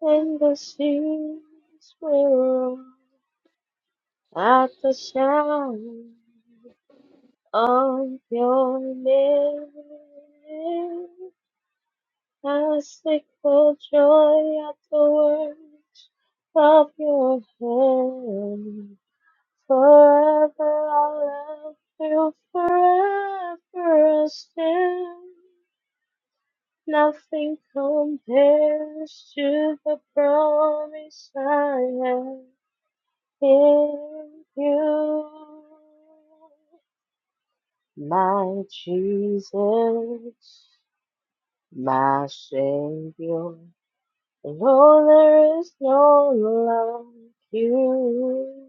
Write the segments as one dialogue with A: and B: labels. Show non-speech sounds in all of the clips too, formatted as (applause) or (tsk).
A: and the seas will roar at the sound of your name. I sing for joy at the words of your hand. Forever I love you, forever I stand. Nothing compares to the promise I have. In you, my Jesus, my Savior, Though there is no like you.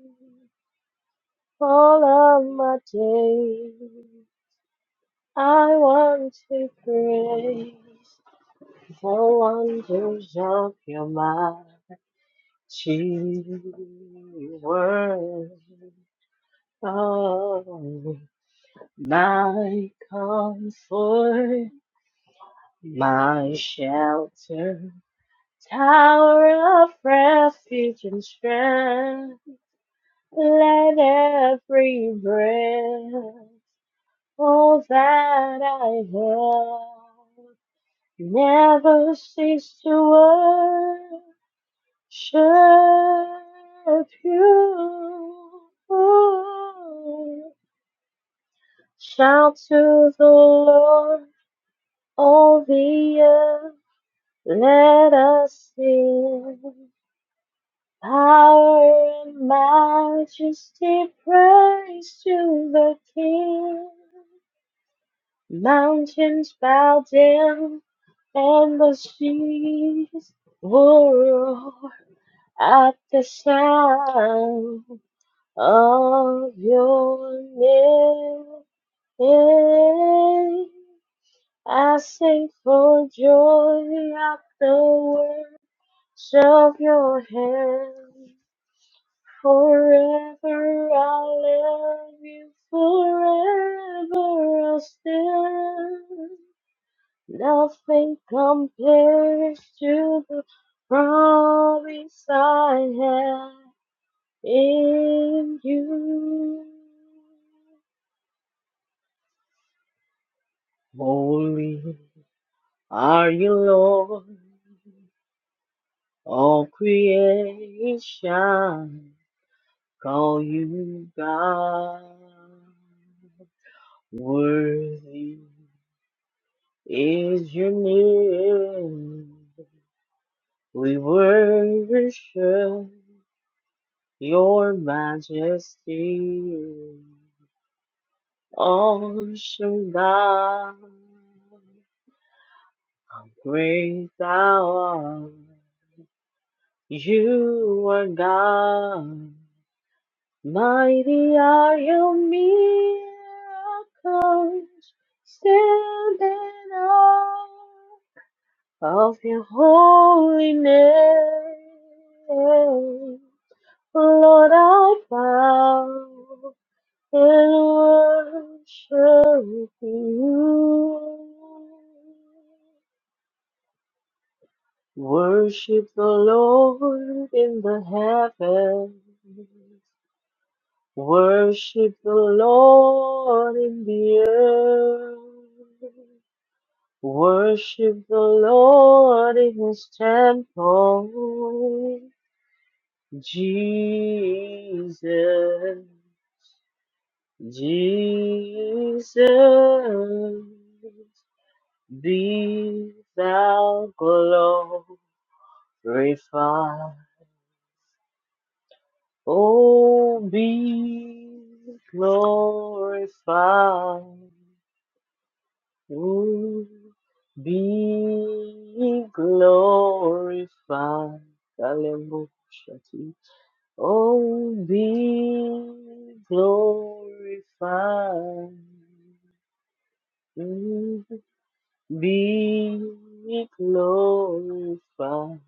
A: All of my days, I want to praise the wonders of your mighty word. Oh, my comfort, my shelter, tower of refuge and strength. Let every breath, all that I have, never cease to worship you. Shout to the Lord all the earth. Let us sing power and majesty, praise to the King. Mountains bow down and the seas roar at the sound of your name. I sing for joy at the word. Show your hand forever. I'll love you forever. I'll stand. Nothing compares to the promise I have in you. Holy are you, Lord, all creation. Call you God. Worthy is your name. We worship your majesty. Awesome God. Great thou art. You are God. Mighty are your miracles, stand in awe of your holy name. Lord, I bow and worship you. Worship the Lord in the heavens. Worship the Lord in the earth. Worship the Lord in his temple. Jesus, Jesus, be thou glorified. Oh, be glorified. You be glorified. Hallelujah. Oh, be glorified. Mm. Be glorified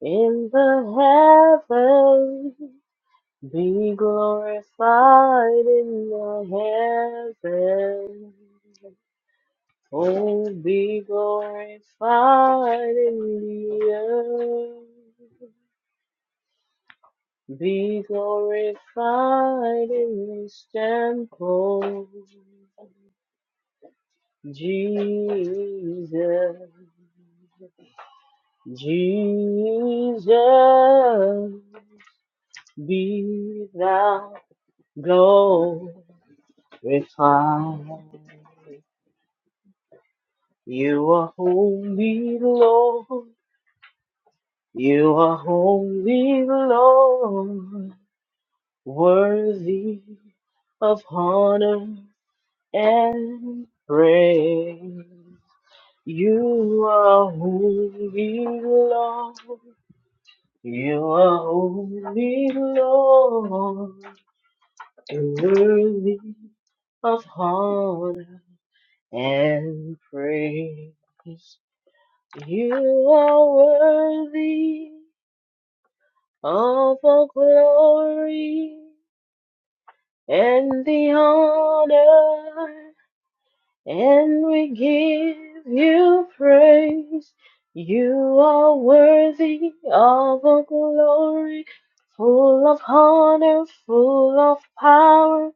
A: in the heavens. Be glorified in the heavens. Oh, be glorified in the earth. Be glorified in this temple. Jesus, Jesus, be thou glorified. You are holy, Lord. You are holy, Lord. worthy of honor and praise. You are who we belong. You are who we belong. And worthy of honor and praise. You are worthy of the glory and the honor and we give you praise. You are worthy of all glory, full of honor, full of power.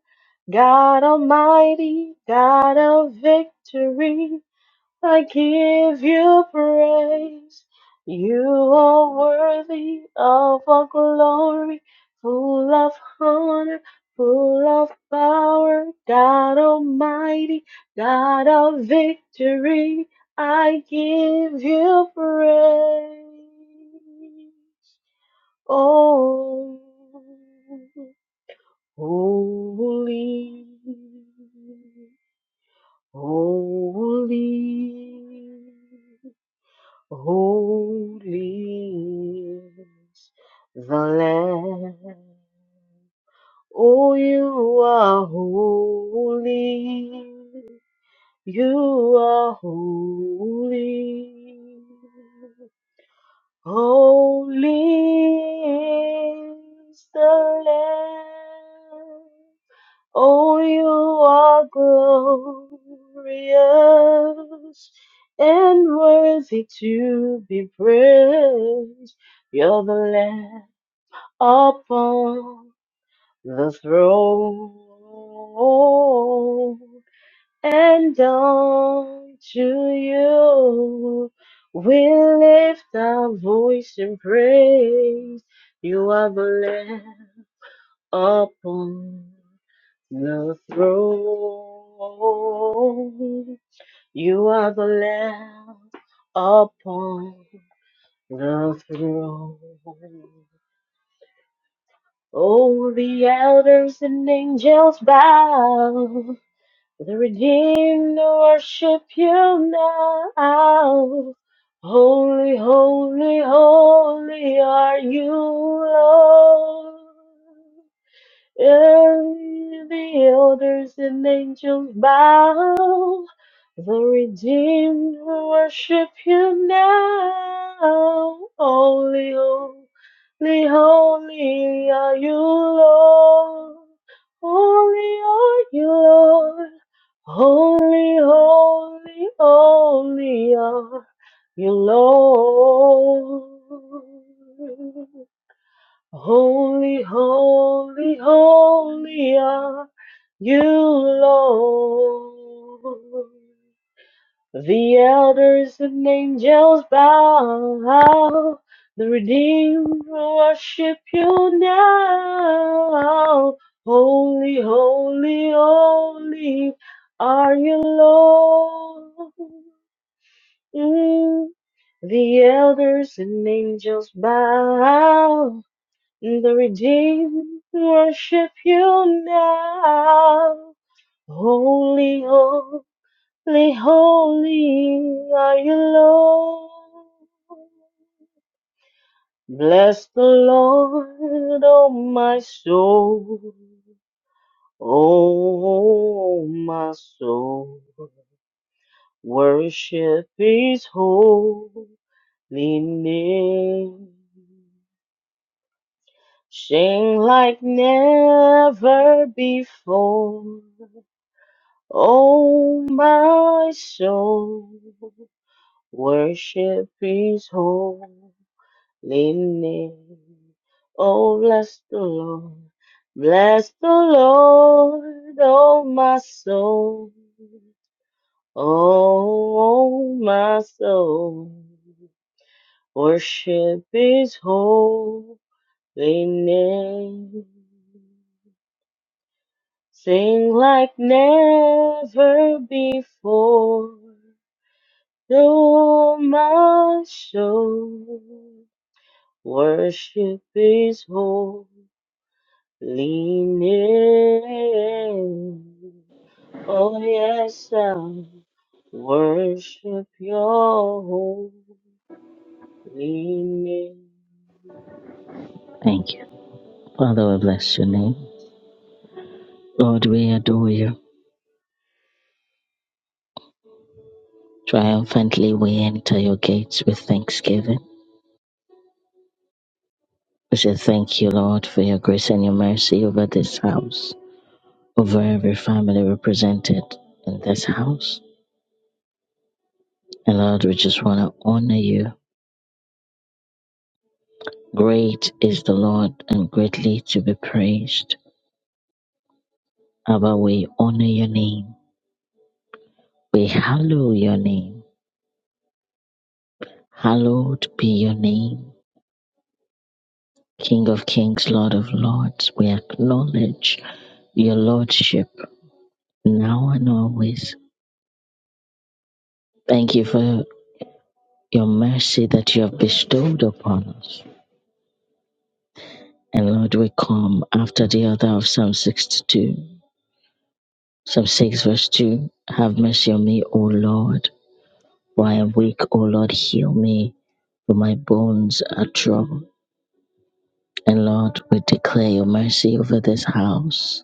A: God Almighty, God of victory. I give you praise. You are worthy of all glory, full of honor, full of power, God Almighty, God of victory. I give you praise. Oh, holy, holy. Holy is the Lamb. Oh, you are holy. You are holy. Holy is the Lamb. Oh, you are glorious and worthy to be praised. You're the Lamb upon the throne, and unto you we lift our voice in praise. You are the Lamb upon the throne. You are the Lamb upon the throne. Oh, the elders and angels bow. The redeemed worship you now. Holy, holy, holy are you, Lord. And the elders and angels bow. The redeemed worship you now. Holy, holy, holy are you, Lord. Holy are you, Lord. Holy, holy, holy are you, Lord. Holy, holy, holy are you, Lord. The elders and angels bow. The redeemed worship you now. Holy, holy, holy are you, Lord. Mm. The elders and angels bow. The redeemed worship you now. Holy, holy, holy are you, Lord. Bless the Lord, oh my soul. Oh my soul, worship his holy name. Sing like never before. Oh, my soul, worship his holy name. Oh, bless the Lord, bless the Lord, oh, my soul. Oh, my soul, worship his holy name. Sing like never before. Though my soul worship is holy name. Oh yes, I worship your holy name.
B: Thank you. Father, we bless your name. Lord, we adore you. Triumphantly, we enter your gates with thanksgiving. We say thank you, Lord, for your grace and your mercy over this house, over every family represented in this house. And Lord, we just want to honor you. Great is the Lord and greatly to be praised. Abba, we honor your name. We hallow your name. Hallowed be your name. King of kings, Lord of lords, we acknowledge your lordship now and always. Thank you for your mercy that you have bestowed upon us. And Lord, we come after the other of Psalm 62, Psalm 6, verse 2. Have mercy on me, O Lord, for I am weak, O Lord, heal me, for my bones are troubled. And Lord, we declare your mercy over this house,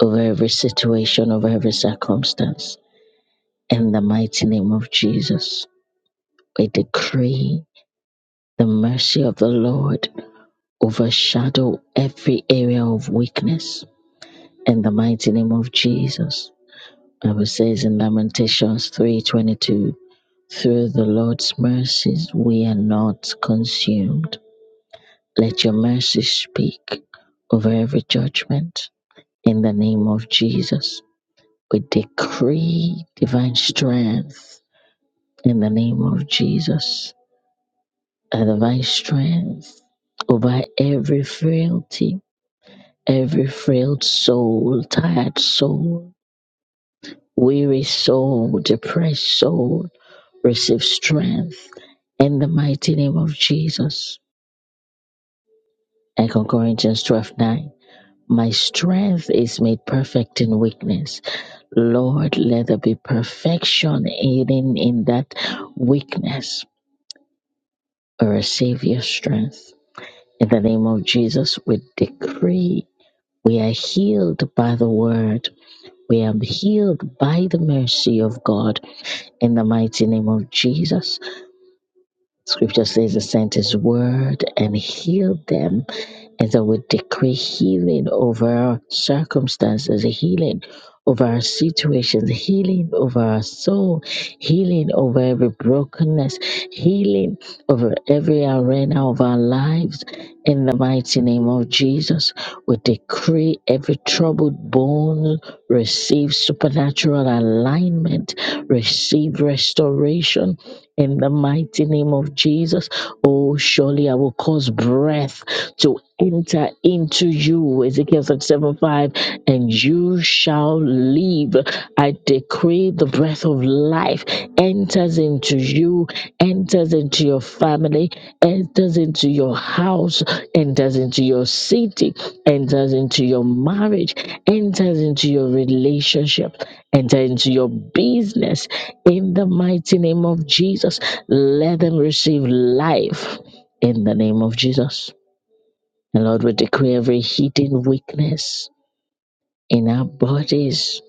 B: over every situation, over every circumstance. In the mighty name of Jesus, we decree the mercy of the Lord overshadow every area of weakness. In the mighty name of Jesus, Bible says in Lamentations three twenty two, through the Lord's mercies we are not consumed. Let your mercy speak over every judgment. In the name of Jesus, we decree divine strength. In the name of Jesus out of our strength, over every frailty, every frail soul, tired soul, weary soul, depressed soul, receive strength in the mighty name of Jesus. 2 Corinthians 12 9. My strength is made perfect in weakness. Lord, let there be perfection hidden in that weakness. Receive your strength. In the name of Jesus, we decree We are healed by the word. We are healed by the mercy of God in the mighty name of Jesus. Scripture says, He sent His word and healed them and so we decree healing over our circumstances, healing over our situations, healing over our soul, healing over every brokenness, healing over every arena of our lives. In the mighty name of Jesus, we decree every troubled bone receive supernatural alignment, receive restoration. In the mighty name of Jesus, Oh, surely I will cause breath to enter into you. Ezekiel 37 5, and you shall live. I decree the breath of life enters into you, enters into your family, enters into your house, enters into your city, enters into your marriage, enters into your relationship, enters into your business in the mighty name of Jesus, let them receive life in the name of Jesus. And Lord, we decree every hidden weakness in our bodies,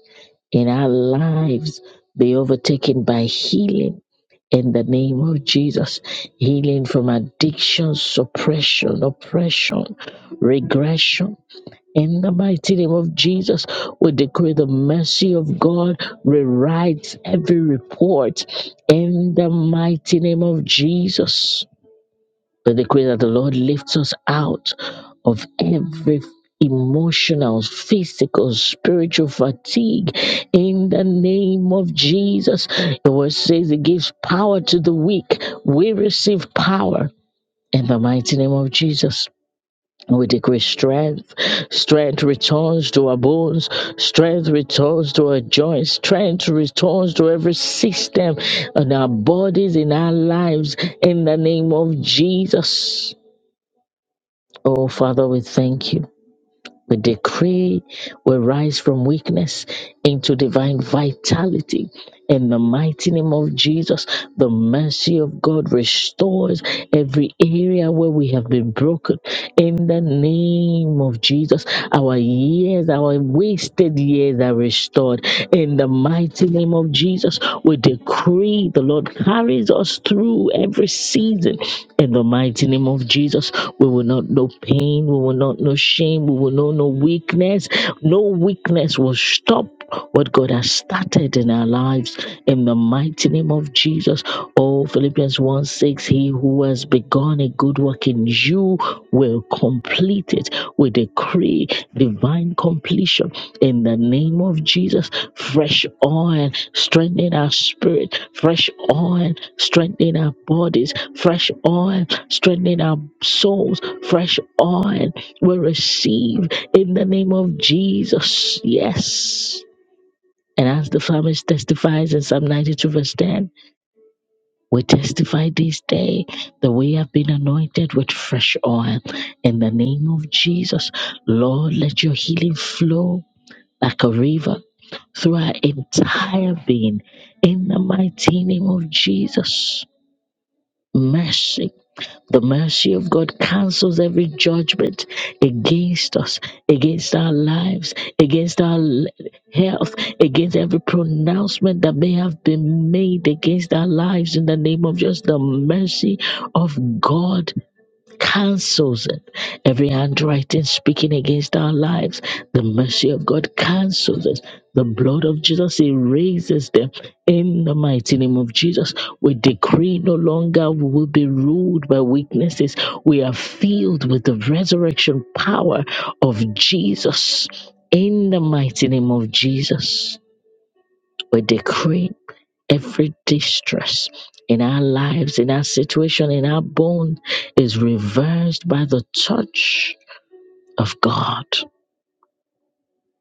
B: in our lives, be overtaken by healing in the name of Jesus. Healing from addiction, suppression, oppression, regression in the mighty name of Jesus, we decree the mercy of God rewrites every report. In the mighty name of Jesus, we decree that the Lord lifts us out of every emotional, physical, spiritual fatigue. In the name of Jesus, the word says it gives power to the weak. We receive power in the mighty name of Jesus. And we decree strength, strength returns to our bones, strength returns to our joints, strength returns to every system in our bodies, in our lives, in the name of Jesus. Oh, Father, we thank you. We decree we rise from weakness into divine vitality. In the mighty name of Jesus, the mercy of God restores every area where we have been broken. In the name of Jesus, our years, our wasted years are restored. In the mighty name of Jesus, we decree the Lord carries us through every season in the mighty name of Jesus, we will not know pain, we will not know shame, we will not know weakness. No weakness will stop what God has started in our lives. In the mighty name of Jesus, oh Philippians 1 6, he who has begun a good work in you will complete it. We decree divine completion in the name of Jesus. Fresh oil, strengthen our spirit. Fresh oil, strengthen our bodies. Fresh oil, strengthen our souls. Fresh oil, we receive in the name of Jesus. Yes. And as the psalmist testifies in Psalm 92, verse 10, we testify this day that we have been anointed with fresh oil. In the name of Jesus, Lord, let your healing flow like a river through our entire being in the mighty name of Jesus. Mercy. The mercy of God cancels every judgment against us, against our lives, against our l- health, against every pronouncement that may have been made against our lives in the name of just the mercy of God cancels it. Every handwriting speaking against our lives, the mercy of God cancels it. The blood of Jesus erases them in the mighty name of Jesus. We decree no longer we will be ruled by weaknesses. We are filled with the resurrection power of Jesus in the mighty name of Jesus. We decree Every distress in our lives, in our situation, in our bone is reversed by the touch of God.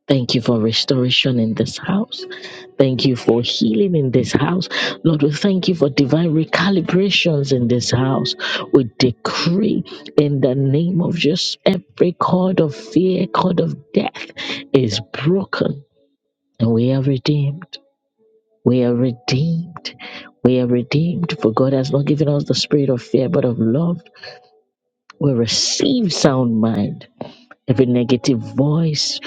B: Thank you for restoration in this house. Thank you for healing in this house. Lord, we thank you for divine recalibrations in this house. We decree in the name of Jesus every cord of fear, cord of death is broken and we are redeemed. We are redeemed. We are redeemed, for God has not given us the spirit of fear, but of love. We receive sound mind. Every negative voice,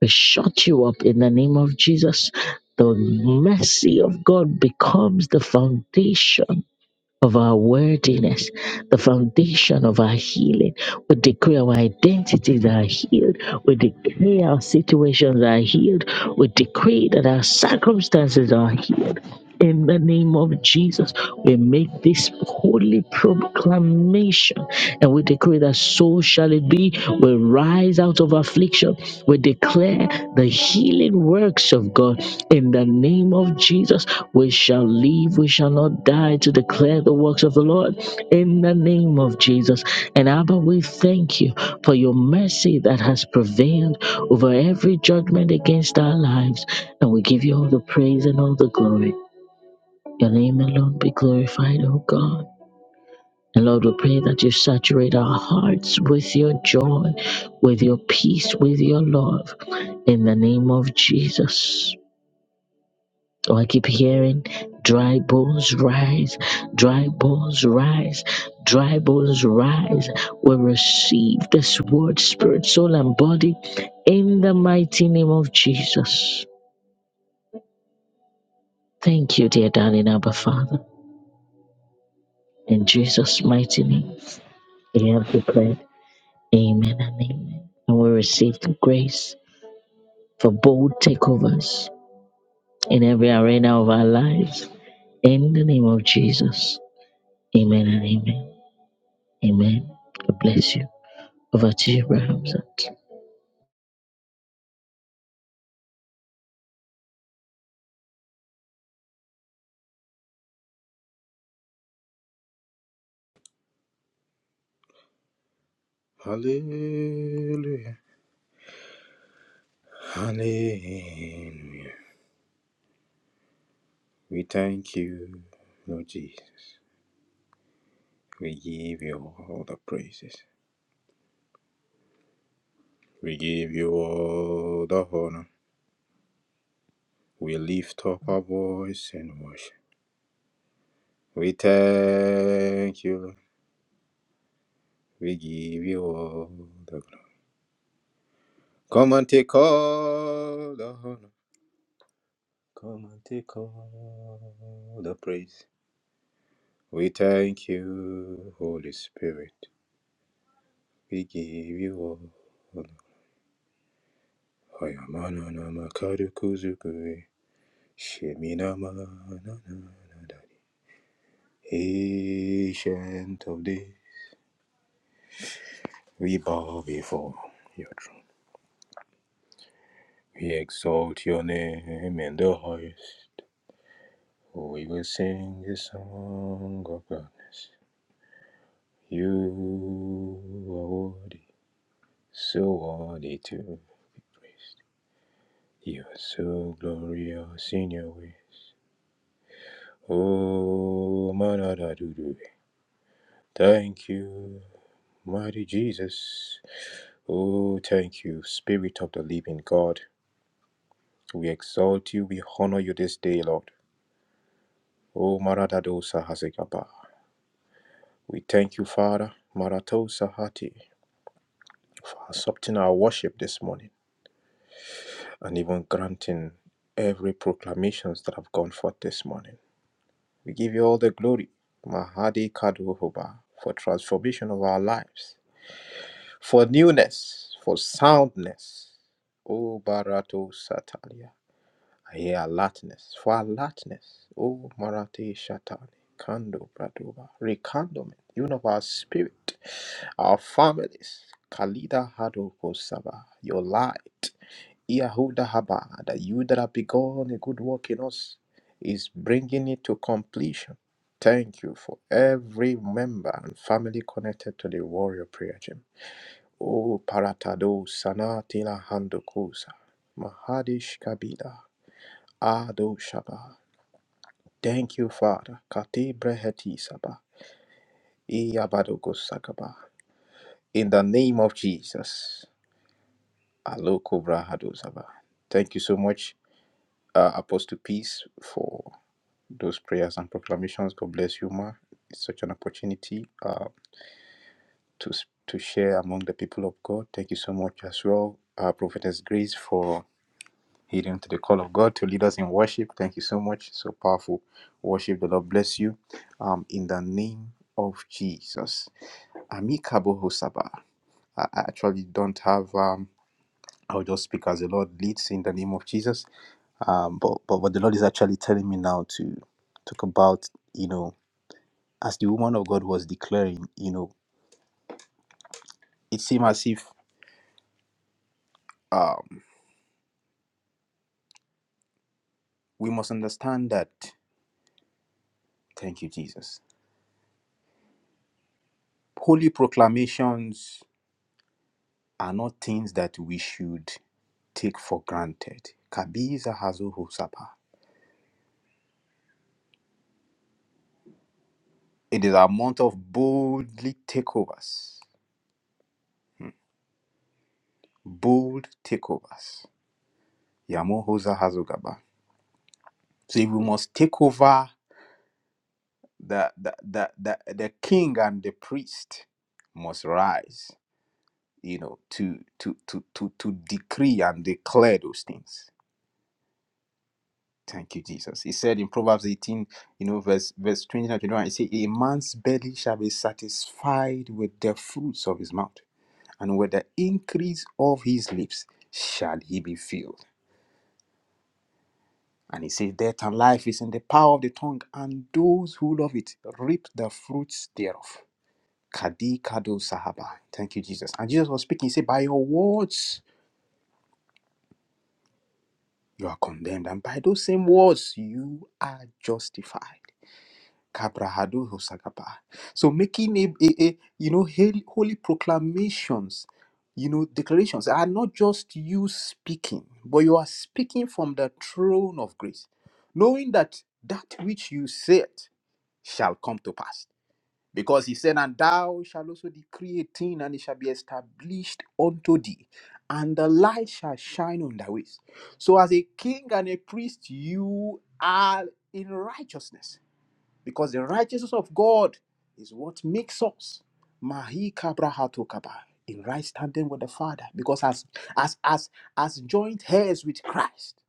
B: we shut you up in the name of Jesus. The mercy of God becomes the foundation of our worthiness, the foundation of our healing. We decree our identities are healed. We decree our situations are healed. We decree that our circumstances are healed. In the name of Jesus, we make this holy proclamation and we decree that so shall it be. We rise out of affliction. We declare the healing works of God in the name of Jesus, we shall live, we shall not die to declare the works of the Lord. In the name of Jesus. And Abba, we thank you for your mercy that has prevailed over every judgment against our lives. And we give you all the praise and all the glory. Your name alone be glorified, O God. And Lord, we pray that you saturate our hearts with your joy, with your peace, with your love. In the name of Jesus. Oh, I keep hearing dry bones rise, dry bones rise, dry bones rise. We receive this word, spirit, soul, and body in the mighty name of Jesus. Thank you, dear darling Abba Father. In Jesus' mighty name, we have declared amen and amen. And we receive the grace for bold takeovers in every arena of our lives. In the name of Jesus, amen and amen. Amen. God bless you. Over to you, Brother Hamzat.
C: Hallelujah. Hallelujah. We thank you, Lord Jesus. We give you all the praises. We give you all the honor. We lift up our voice and worship. We thank you, Lord. We give you all the glory. Come and take all the honor. Come and take all the praise. We thank you, Holy Spirit. We give you all. Oyamana nama karukuzukui. Shiminama na na na da. Ancient of days, we bow before your throne. We exalt your name in the highest. We will sing the song of gladness. You are worthy, so worthy to be praised. You are so glorious in your way. Oh, manada Dudu. Thank you Mighty Jesus, oh, thank you, Spirit of the Living God. We exalt you, we honor you this day, Lord. Oh, Maradadosa Hazekaba. We thank you, Father, Maratosa Hati, for accepting our worship this morning and even granting every proclamations that have gone forth this morning. We give you all the glory, Mahadi Kaduhoba, for transformation of our lives, for newness, for soundness. Oh, Barato Satalia. Yeah, Latinus. For Latinus. O Marate Shatani. Kando Praduba. Recondoment. Even of our spirit, our families. Kalida Hadoko Saba. Your light. Iahuda Haba. That you that have begun a good work in us is bringing it to completion. Thank you for every member and family connected to the warrior prayer gym. O Paratado Sanatila Handokosa. Mahadish Kabila Ado Shaba. Thank you, Father. Kati breheti saba. Iyabadogo sakaba. In the name of Jesus. Aloko brahado saba. Thank you so much, uh, Apostle Peace, for those prayers and proclamations. God bless you, ma. It's such an opportunity uh, to s- to share among the people of God. Thank you so much as well, uh, Prophetess Grace, for Heeding to the call of God to lead us in worship. Thank you so much. So powerful worship. The Lord bless you. Um, in the name of Jesus. Amikabo Hosaba. I I actually don't have um I'll just speak as the Lord leads in the name of Jesus. Um, but but what the Lord is actually telling me now to talk about, you know, as the woman of God was declaring, you know, it seemed as if um we must understand that. Thank you, Jesus. Holy proclamations are not things that we should take for granted. Kabiza Hazu Husapa. It is a month of boldly takeovers. Bold takeovers. Yamo Hoza Hazugaba. So if we must take over the the, the, the the king and the priest must rise, you know, to to to to to decree and declare those things Thank you, Jesus. He said in Proverbs 18, you know, verse verse 20 nine, twenty-one, he said, A man's belly shall be satisfied with the fruits of his mouth, and with the increase of his lips shall he be filled. And he says, Death and life is in the power of the tongue, and those who love it reap the fruits thereof. Kadi Kado Sahaba. Thank you, Jesus. And Jesus was speaking, he said, By your words you are condemned, and by those same words you are justified. Kabrahadu Hosagaba. So making a, a, a you know hel- holy proclamations, you know declarations are not just you speaking, but you are speaking from the throne of grace, knowing that that which you said shall come to pass. Because he said, And thou shalt also decree a thing, and it shall be established unto thee, and the light shall shine on thy ways. So, as a king and a priest, you are in righteousness because the righteousness of God is what makes us mahi kabrahato kaba in right standing with the Father, because as as as as joint heirs with Christ,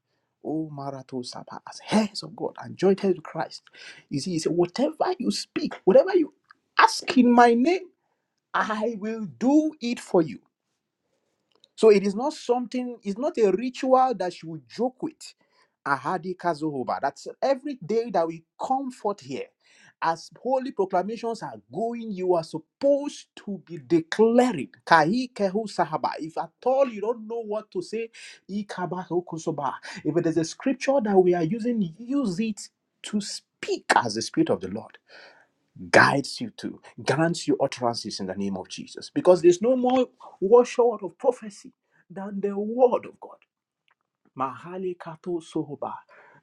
C: oh marato saba, as heirs of God and joint heirs with Christ, you see, he said, whatever you speak, whatever you ask in my name, I will do it for you. So it is not something, it's not a ritual that you would joke with. Ahadi Kazohoba. That's every day that we come forth here. As holy proclamations are going, you are supposed to be declaring. Kahi kehu sahaba. If at all you don't know what to say, ikaba hokusoba. if it is a scripture that we are using, use it to speak as the Spirit of the Lord guides you to, grants you utterances in the name of Jesus. Because there's no more word short of prophecy than the word of God. Mahali kato sohoba.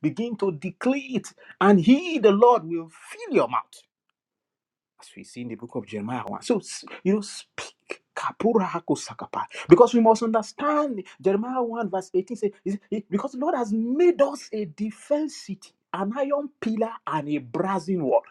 C: Begin to declare it, and he, the Lord, will fill your mouth as we see in the book of Jeremiah 1. So, s- you know, speak. Kapura hako sakapa. Because we must understand Jeremiah 1, verse 18 says, is- is- Because the Lord has made us a defense city, an iron pillar, and a brazen wall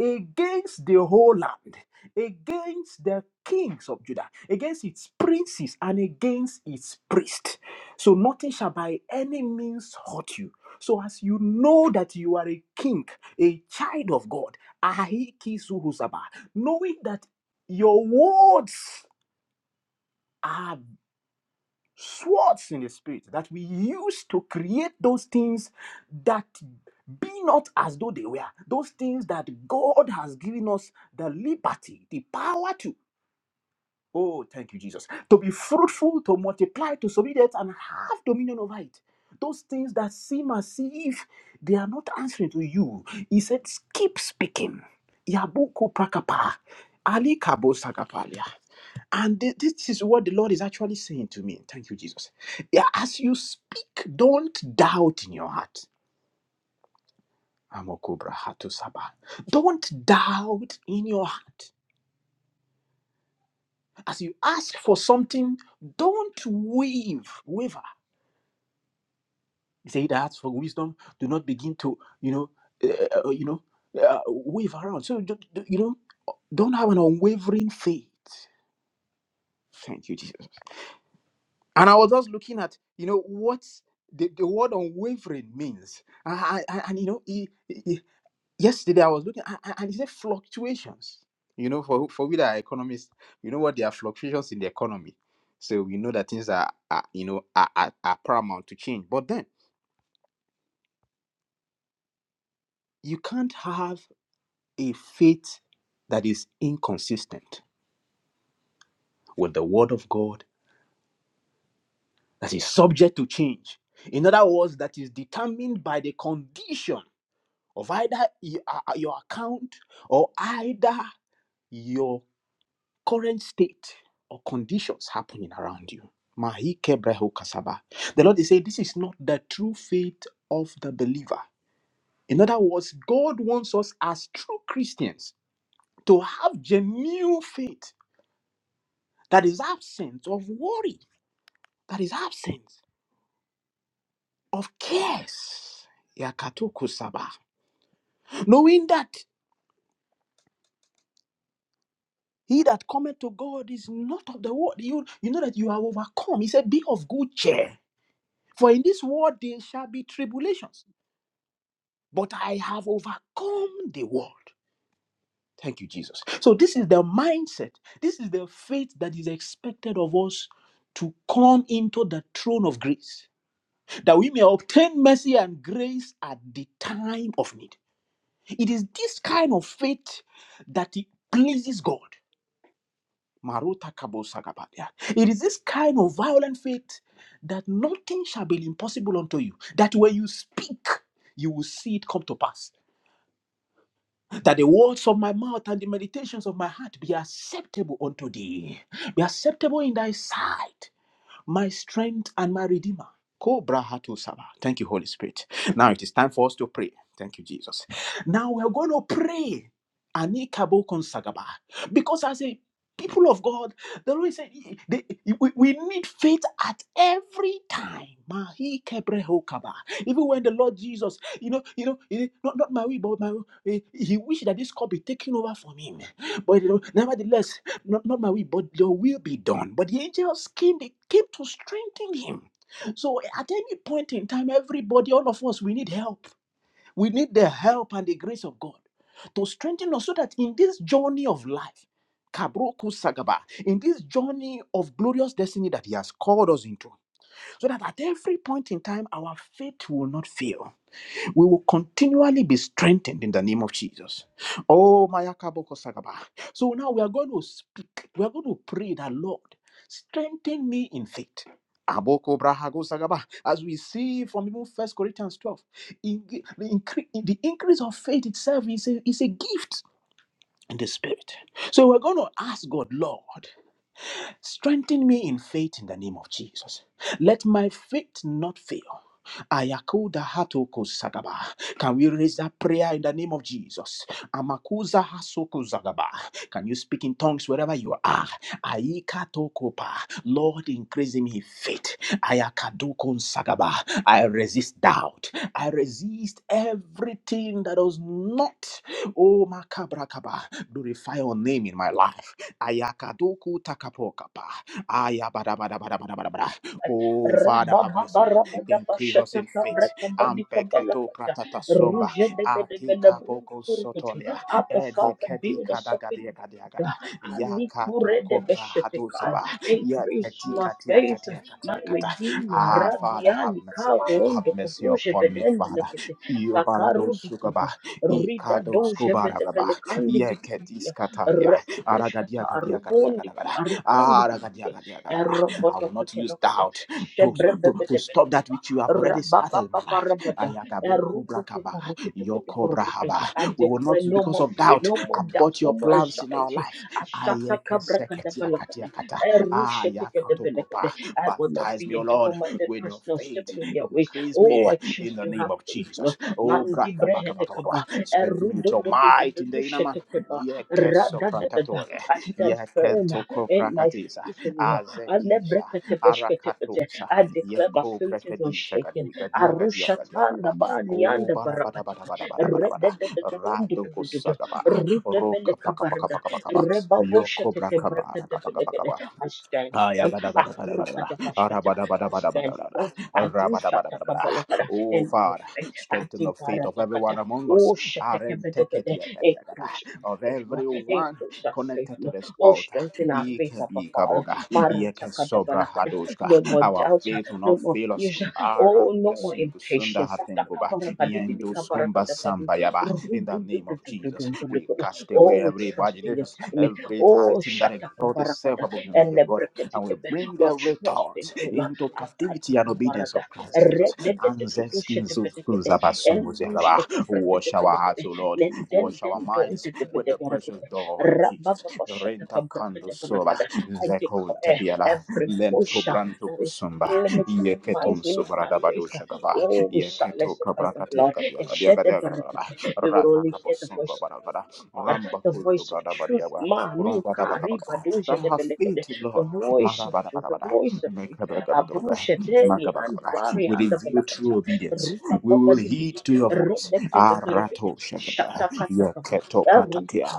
C: against the whole land, against the kings of Judah, against its princes, and against its priests. So nothing shall by any means hurt you. So as you know that you are a king, a child of God, Ahiki suhusaba, knowing that your words are swords in the spirit that we use to create those things that be not as though they were, those things that God has given us the liberty, the power to. Oh, thank you, Jesus. To be fruitful, to multiply, to subdue it, and have dominion over it. Those things that seem as if they are not answering to you. He said, keep speaking. Yabuko prakapa. Ali kabo sakapalia. And thi- this is what the Lord is actually saying to me. Thank you, Jesus. Yeah, As you speak, don't doubt in your heart. Amokubra hatu saba. Don't doubt in your heart. As you ask for something, don't wave, waver. He said, "He that asks for wisdom, do not begin to, you know, uh, uh, you know, uh, wave around. So, d- d- you know, don't have an unwavering faith. Thank you, Jesus. And I was just looking at, you know, what the, the word unwavering means. I, I, I- and, you know, it, yesterday I was looking a- a- and it said fluctuations. You know, for for we that are economists, you know what there are fluctuations in the economy. So we know that things are, are you know are, are, are paramount to change. But then you can't have a faith that is inconsistent with the word of God that is subject to change. In other words, that is determined by the condition of either y- uh, uh, your account or either your. current state or conditions happening around you. Mahi kebrehu kasaba. The Lord is saying this is not the true faith of the believer. In other words, God wants us as true Christians to have genuine faith that is absent of worry, that is absent of cares. Yakatuku saba. Knowing that he that cometh to God is not of the world. You, you know that you are overcome. He said, Be of good cheer. For in this world there shall be tribulations. but I have overcome the world. Thank you, Jesus. So, this is the mindset, this is the faith that is expected of us to come into the throne of grace, that we may obtain mercy and grace at the time of need. It is this kind of faith that it pleases God. Maruta kabo sagabadia. It is this kind of violent faith that nothing shall be impossible unto you, that when you speak, you will see it come to pass. that the words of my mouth and the meditations of my heart be acceptable unto thee, be acceptable in thy sight my strength and my redeemer. Cobra Hatu Saba. Thank you, Holy Spirit. Now it is time for us to pray. Thank you, Jesus. Now we're going to pray. Anikabo Konsagaba. Because as a people of God, the Lord said they- we, we need faith at every time. Mahi Kebreho Kaba. Even when the Lord Jesus, you know, you know, eh, not, not my will, but my will, eh, he wished that this cup be taken over from him. But you know, nevertheless, not, not my will, but your will be done. But the angels came, they came to strengthen him. So at any point in time, everybody, all of us, we need help. We need the help and the grace of God to strengthen us so that in this journey of life, Kabroku Sagaba, in this journey of glorious destiny that He has called us into, so that at every point in time, our faith will not fail we will continually be strengthened in the name of Jesus. Oh, Mayakaboko Sagaba. So now we are going to speak, we are going to pray that Lord, strengthen me in faith. Aboko Brahago Sagaba. As we see from even First Corinthians 12, in- the, incre- the increase of faith itself is a, is a gift in the spirit. So we're going to ask God, Lord, Strengthen me in faith in the name of Jesus. Let my faith not fail. Ayakuda hatoko sagaba. Can we raise that prayer in the name of Jesus? Amakuza hasoko zagaba. Can you speak in tongues wherever you are? Aika tokopa. Lord, increase in me faith. Ayakadoko sagaba. I resist doubt. I resist everything that does not, oh makabrakaba, glorify your name in my life. Ayakaduku takapokapa. Ayabadabadabadabadabada. Oh, Father, have
A: Rabba
C: mercy. Increase us in faith. Ampeketo pratata somba.
A: Ruja de bede
C: Ate
A: bede brundu
C: kapoko
A: kurukutu.
C: sotolia.
A: Abba
C: Ede
A: Father,
C: kedi
A: build us up in
C: kadagadia
A: faith.
C: kadiagada.
A: Ali
C: Yakato
A: kure de
C: kopra hatu
A: besheteka.
C: saba.
A: Increase
C: Yakati
A: my
C: katia
A: faith,
C: katia
A: my
C: katia kata.
A: redeemer.
C: Ah, Father, have
A: Radiani ka
C: mercy. Have
A: rondo
C: mercy
A: kubruje
C: upon me,
A: bedende
C: Father.
A: lekete. Kakaru
C: Iobarato sukaba. Ikado skubarababa. Yeketis katalia. Aragadia gadia gadia gada gada. Aragadia gadia gada gada. I will not use
A: Robotokotonokoto.
C: doubt to, to, to stop that which you have already started in my life.
A: rabada.
C: Ayagaboko brakaba, yoko brahaba.
A: I
C: We will
A: declare
C: not,
A: no
C: because
A: more
C: of
A: fear,
C: doubt,
A: no more doubt,
C: abort
A: no
C: your
A: more
C: plans in
A: anxiety.
C: our life.
A: Ashata
C: Ayekeseketia
A: Kabrakadabala.
C: katia kata. Ayakatokopa.
A: I will not
C: Baptize
A: be
C: me, O
A: a double
C: Lord,
A: minded
C: with your
A: person or
C: faith.
A: stable in their ways.
C: Increase
A: Oh,
C: me
A: I choose
C: in the
A: to
C: name
A: have
C: of
A: faith, Lord.
C: Jesus. Oh, brother,
A: Mandibrehedekaba.
C: strengthen me with your might in the name.
A: Erudodododododoshetekeba.
C: Ye keso
A: Radadadada.
C: prakatore,
A: I
C: ye
A: stand firm
C: kento ko
A: in my
C: prakatisa,
A: faith in you.
C: azekisha,
A: Alebreketebeshketekete.
C: arakatosa,
A: I
C: ye
A: declare my
C: ko
A: faith is
C: prakadisha
A: unshaken.
C: gadi, gadia gadia gadia
A: Arushatanda
C: gada. Oh,
A: banianda
C: bada bada bada
A: barakata.
C: bada bada bada bada. Rado ko
A: Redededededondodododo.
C: sagaba, roka paka paka
A: Rudebelekabarda.
C: paka paka paka. Yo ko braka
A: Rebaboshetekebrekede.
C: bara
A: I stand firm. Akura
C: Ayagadagadagadagada.
A: adabashata. I stand
C: Arabadabadabadabadabada.
A: firm. Adishata
C: Arabadabadabadabada.
A: kabalagada.
C: Oh,
A: In my
C: Father,
A: faith.
C: strengthen the faith of
A: Adibaradakata.
C: everyone among
A: Oh,
C: us.
A: shatakabedebede.
C: Arenteketiagadiagada.
A: Increase my
C: Of
A: faith, Lord.
C: everyone
A: Increase our faith,
C: connected to
A: Lord.
C: this
A: Oh,
C: altar.
A: strengthen our faith, Abba Father.
C: Ikebikaboga.
A: Maratakadabalaka. No
C: Iekesobrahadoshka. Our
A: doubts,
C: faith will
A: no
C: not
A: more.
C: fail us.
A: Oh,
C: Arampesingusunda hatenguba. Yenduskumba
A: satakabarakadibilikabarakadabadi.
C: sambayaba. In the name of Jesus,
A: Rudududududududududu.
C: we cast
A: Oh,
C: away
A: we're
C: every
A: trusting
C: imagination,
A: your timing.
C: every high
A: Oh,
C: thing that
A: shut up.
C: exalts itself above the
A: And
C: knowledge of God, and we bring
A: we're
C: every
A: trusting.
C: thought into captivity and obedience of Christ Jesus. Anzeskin Zuzu Zabasungu Zelaba. Wash our hearts, O Lord. Wash our minds with the precious blood of Jesus. Renta kando soba. Zeko tepiela. Lento branto kusumba. Yeketun sobradabado shagaba. Yeketo kabrakatiya katiya katiya katiya Ratakabosongo Barabara, Ramba Kuzu
A: voice of truth.
C: Bradabadiaba,
A: Mani kariba
C: Rumbadabakabaka,
A: doja
C: that
A: de
C: have
A: belekede.
C: faith,
A: The
C: Lord,
A: voice of truth, the
C: Marabadabadabada,
A: voice of truth.
C: Mekabakabakabaka,
A: Abrusha teli and
C: Makabakabaka,
A: bari
C: with a
A: and the
C: view
A: belakata.
C: through obedience.
A: Rupa
C: We
A: baba
C: will heed
A: zibidi.
C: to your voice.
A: Rodekte de belekede.
C: Arato Shakada,
A: Shata katakama.
C: Yaketo Pratakia,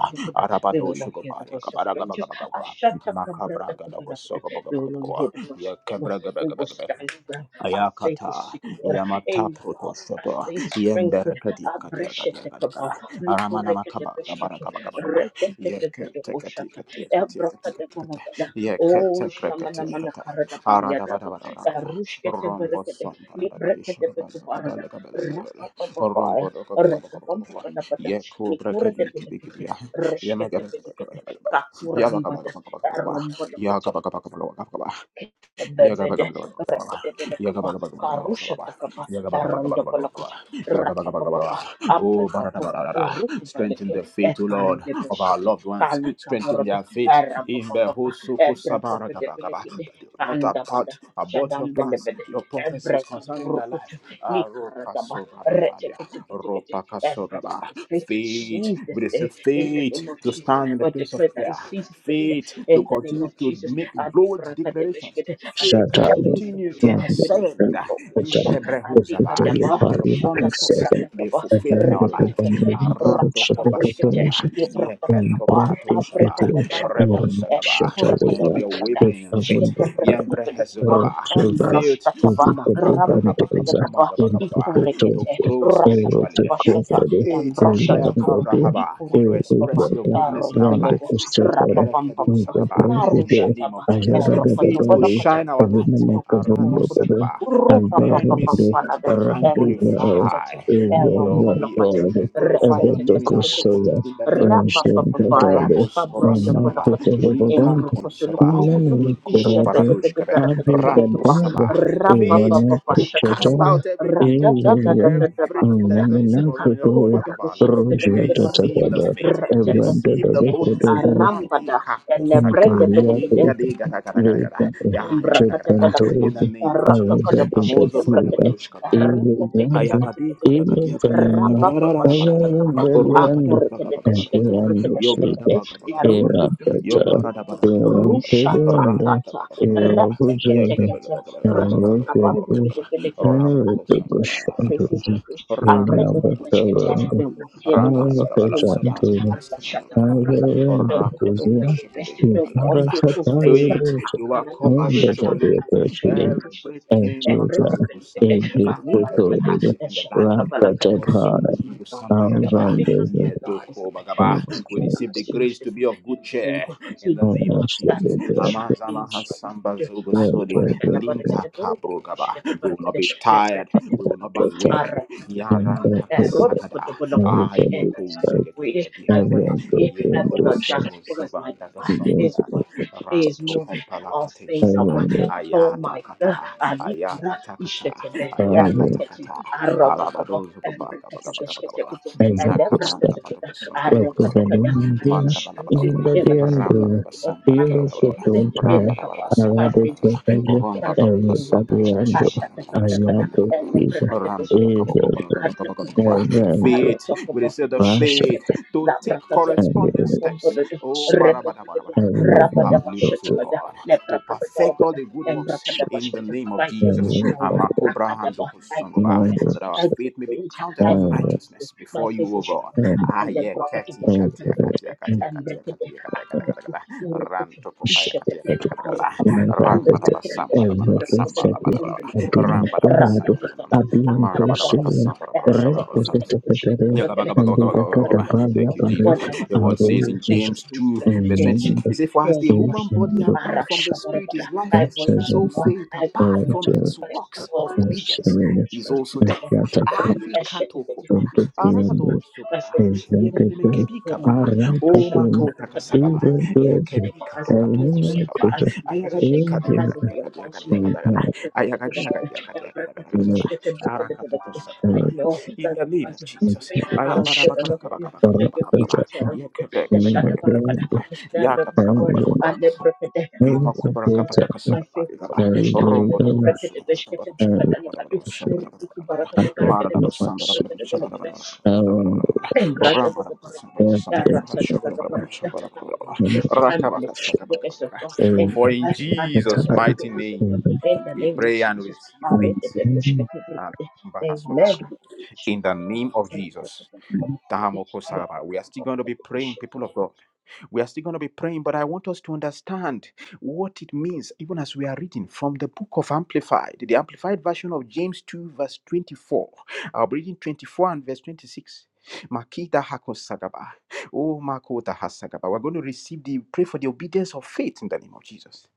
A: We
C: Arabado
A: will not hear the
C: Shugobaria,
A: voice of strangers.
C: Kabaragabagabagaba,
A: Ashata kabranda
C: Makabraga
A: kabalakede.
C: Nogosogo
A: We will only hear
C: Bogabagabagaba,
A: the voice of the Lord. We will
C: Yakabragabagabagaba.
A: stand firm. Our faith is
C: Ayakata,
A: secure.
C: Yamata
A: And
C: Proto
A: our
C: Shoto,
A: faith is strengthened.
C: Yenderekati
A: Our breath
C: Katia
A: is
C: Katia
A: secure.
C: Katia, Aramana Makaba, Gabara Gaba Gaba Gaba, Yekatekati Katia Katia Katia Katia, Yekatekati Kata, Aradabadabadabada, Rombo Sombarabadi Shagabala Gabala Gabala Gabala, Gabala Rombo Gabala Gabala Gabala, Yeku Brakadi Kibikibia, Yamagabala Gabala Gabala, Yabakabala Gabala Gabala, Yagabakabala Gabala Yaga baga baga baga baga baga. Yaga baga baga baga baga baga baga. Yagabagabagabagabagaba. Yagabagabagabagaba. Oh, baratabarara. strengthen the faith, O Lord, of our loved ones. Strengthen their faith in the Hosuko Sabaragabagaba. That they will not apart about your plans, your prophecies concerning their life. Aropasobrababalia. Ropakasogaba. Faith, we receive faith to stand in the place of prayer, faith to continue to make bold declarations faith to
B: Shatter
C: continue to
B: Thank
C: ascend Intebrehuzaba. On your promises be fulfilled in our life. Aranto Kovasonda. Yekento Paratoshaba. Rebo Sagaba. We will not be a wavering in faith. Yembre Hezugaba. Faith. Sumakabra Habakabagabagabagaba to grow spiritually. Eight, Maya Kabrahaba, to express your goodness in our life. In Kerekedo Sagaba, in the name of Jesus. Faith to
B: you.
C: shine our light. Arado
B: Rimanakavumbapada
C: Sagaba, that men may
B: Amparado
C: see it and
B: Paraduvaya
C: glorify your will.
B: Rivavatod
C: To glorify your name in our life.
B: Avetokusoya
C: In the name of Jesus.
B: Ranshadagada
C: Rabos Obasamba,
B: Ninakupavavavand
C: Rikaton Saba, Mikuto
B: Nanapurado
C: Baradoshkabe, Ranto
B: Aridadaga
C: Saba. Faith to cast
B: Ivanakupchataya
C: out every demon.
B: Iluva
C: Everything that exalts itself above the knowledge of God
B: Naminakutoya
C: out of our lives, we receive the
B: Rujatatatada
C: faith, we receive the boldness.
B: Evrandadadakadavada
C: Ate kapo sagaba.
B: Nikalia
C: Inga
B: kuita
C: de gata gata gata gata.
B: leta
C: Ya ya gata gata gata. In the
B: chepentoida
C: name of Jesus.
B: erega
C: Amozo brada
B: bigakiva
C: badoshkaba.
B: ili ganza
C: Ayakati
B: ili
C: katakatia katia
B: tanama
C: katakadararararara.
B: evara
C: Oro
B: deliando
C: badaka baka baka baka baka baka.
B: agilando
C: Yo brada
B: shida
C: baka baka baka baka
B: era
C: baka. Yo
B: tata
C: barada bada bada
B: era
C: bada bada bada. Ra
B: pedoanda
C: badaka baka baka
B: era
C: baka baka. Ye
B: bujada
C: kebe baka baka baka baka
B: era
C: baka baka baka baka
B: pedo
C: baka baka.
B: era
C: Ram boko sanga bada bada bada bada.
B: dubushantuja
C: Ra
B: era
C: bada baka baka baka baka baka
B: batavanda
C: baka. Ra bada
B: era
C: baka bala sabala
B: tatantuja
C: baka skabala bala
B: Everybody,
C: bala. Ora koto ko shakadeli bala bala bala. Faith, you overcome every tribulation, everything. Omakazo kusamba every hardship in the land. We receive the grace to be of good cheer in the name of Jesus. We will not be tired. We will not be wavering. Ah, Ayata kata. Ayakata kata. Ayakatakata, Arabadozukubaga, Nakabranga, Badakusun, Badabagabagabagaba,
B: Residendindia
C: Manda Balabalabala, Ramba
B: ingredientes
C: Gabasamba,
B: pilo
C: Ramba
B: petruncae arado
C: Babasamba,
B: presages
C: Ramba
B: ergo
C: Kabakasamba,
B: sabiendo
C: Shabana Babas, Kamana
B: ayato
C: Babala,
B: pisa
C: Randa
B: is
C: Bakabako Bagabagabagaba,
B: servando
C: faith, we say the
B: pasha
C: faith to take
B: and
C: corresponding
B: it
C: steps.
B: is
C: Oh, Marabadabadabada, as you
B: everyone
C: have lead us, O
B: petrus
C: Lord, to perfect all the good works in the name of
B: and
C: Jesus.
B: it is
C: Amakobra handokosungoba,
B: nado
C: That our faith may be counted as
B: and
C: righteousness before you, O God. Aye, kati,
B: and
C: katia, katia, katia,
B: and
C: katia, katia, katia, katia, katia, katia. Rantokopaya, katia, katia, katia, katia.
B: Narrate
C: Rambadabasamba, dabadabasamba,
B: Evertosati
C: dabadabada.
B: Abinacorado
C: Rambadabakasamba, dabadabada.
B: Abiantosia
C: Magabadabakasamba, dabadabada, shabadabada.
B: Repetetere
C: Yeah, gaba, gaba,
B: and
C: gaba, gaba,
B: the
C: gaba, gaba.
B: Catapalia
C: Thank you,
B: Pare
C: Jesus. The word says in
B: Aroses
C: James 2,
B: in
C: verse 26,
B: the
C: it says, For as the
B: King
C: human body
B: and the
C: apart from the spirit is lifeless,
B: Shadows
C: so faith apart from its works of
B: and
C: obedience
B: Serena
C: is also
B: and
C: dead.
B: Catacomb
C: Ali katokopa,
B: and the
C: arado sugaba, yemeneme
B: Executive
C: kebikaba,
B: Narratum
C: o makota
B: is
C: kasagaba,
B: a good
C: yekebika takatoko
B: and
C: sagaba,
B: language
C: ayagadika diaka diaka diaka diaka diaka, ayagadiaka diaka diaka diaka diaka arakatoko
B: is
C: sagaba. In the name of Jesus.
B: a
C: For in Jesus' mighty name we pray and we seek faith, and
B: and
C: in the name of Jesus. Tahamoko Saraba. We are still going to be praying, people of God. We are still going to be praying, but I want us to understand what it means, even as we are reading from the book of Amplified, the Amplified version of James 2, verse 24. I'll be reading 24 and verse 26. Makita Hakosagaba. Oh Makota Hasagaba. We're going to receive the pray for the obedience of faith in the name of Jesus.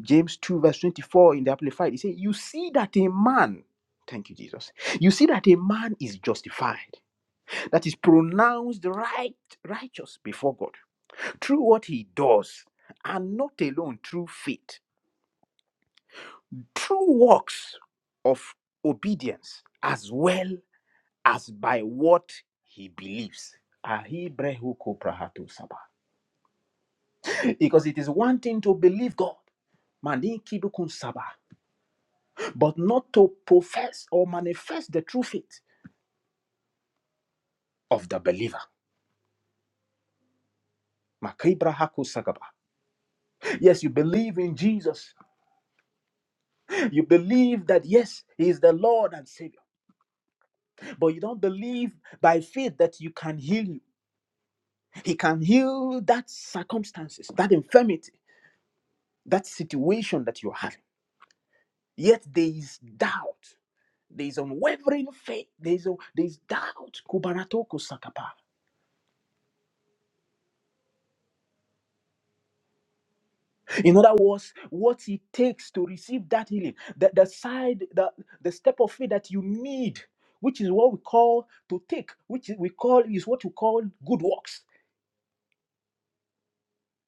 C: James 2, verse 24 in the Amplified. He says, You see that a man, thank you, Jesus. You see that a man is justified that is pronounced right righteous before God through what he does and not alone through faith through works of obedience as well as by what he believes Ahibrehu koprahatu saba. because it is one thing to believe God maninkibukun saba, but not to profess or manifest the true faith of the believer Makibrahaku sagaba. yes you believe in Jesus You believe that, yes, He is the Lord and Savior, but you don't believe by faith that you can heal you. He can heal that circumstances, that infirmity, that situation that you're having. Yet there is doubt. There is unwavering faith. There is, there is doubt. Kubaratoko sakapa. In other words, what it takes to receive that healing, the, the side, the, the step of faith that you need, which is what we call to take, which is- we call is what we call good works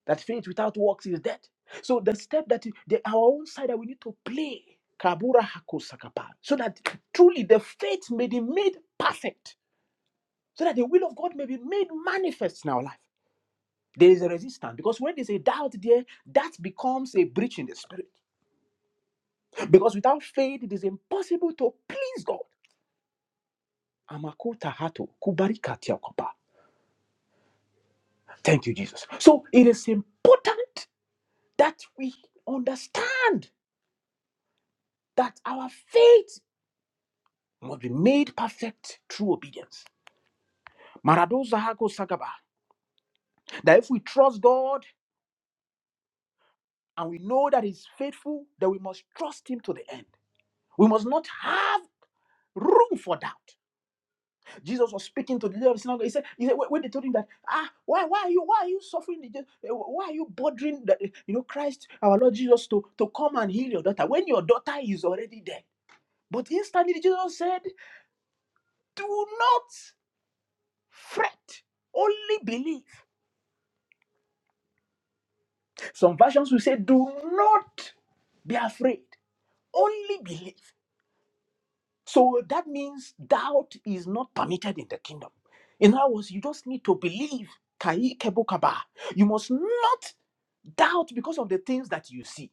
C: That faith without works is dead. So the step that the, our own side that we need to play, kabura hako sakapa, so that truly the faith may be made perfect, so that the will of God may be made manifest in our life. There is a resistance because when there's a doubt there, that becomes a breach in the spirit. Because without faith, it is impossible to please God. Amakota hato kubarika tiakopa. Thank you, Jesus. So it is important that we understand that our faith must be made perfect through obedience. Marado Zahako Sagaba. That if we trust God and we know that He's faithful, then we must trust Him to the end. We must not have room for doubt. Jesus was speaking to the leader of the synagogue. He said, he said when when they told him that, ah, why, why are you, why are you suffering? the death? Eh, Why are you bothering that, eh, you know, Christ, our Lord Jesus, to, to come and heal your daughter when your daughter is already dead? But instantly Jesus said, do not fret, only believe. Some versions will say, Do not be afraid, only believe. So that means doubt is not permitted in the kingdom. In other words, you just need to believe. Kai kebukaba. You must not doubt because of the things that you see.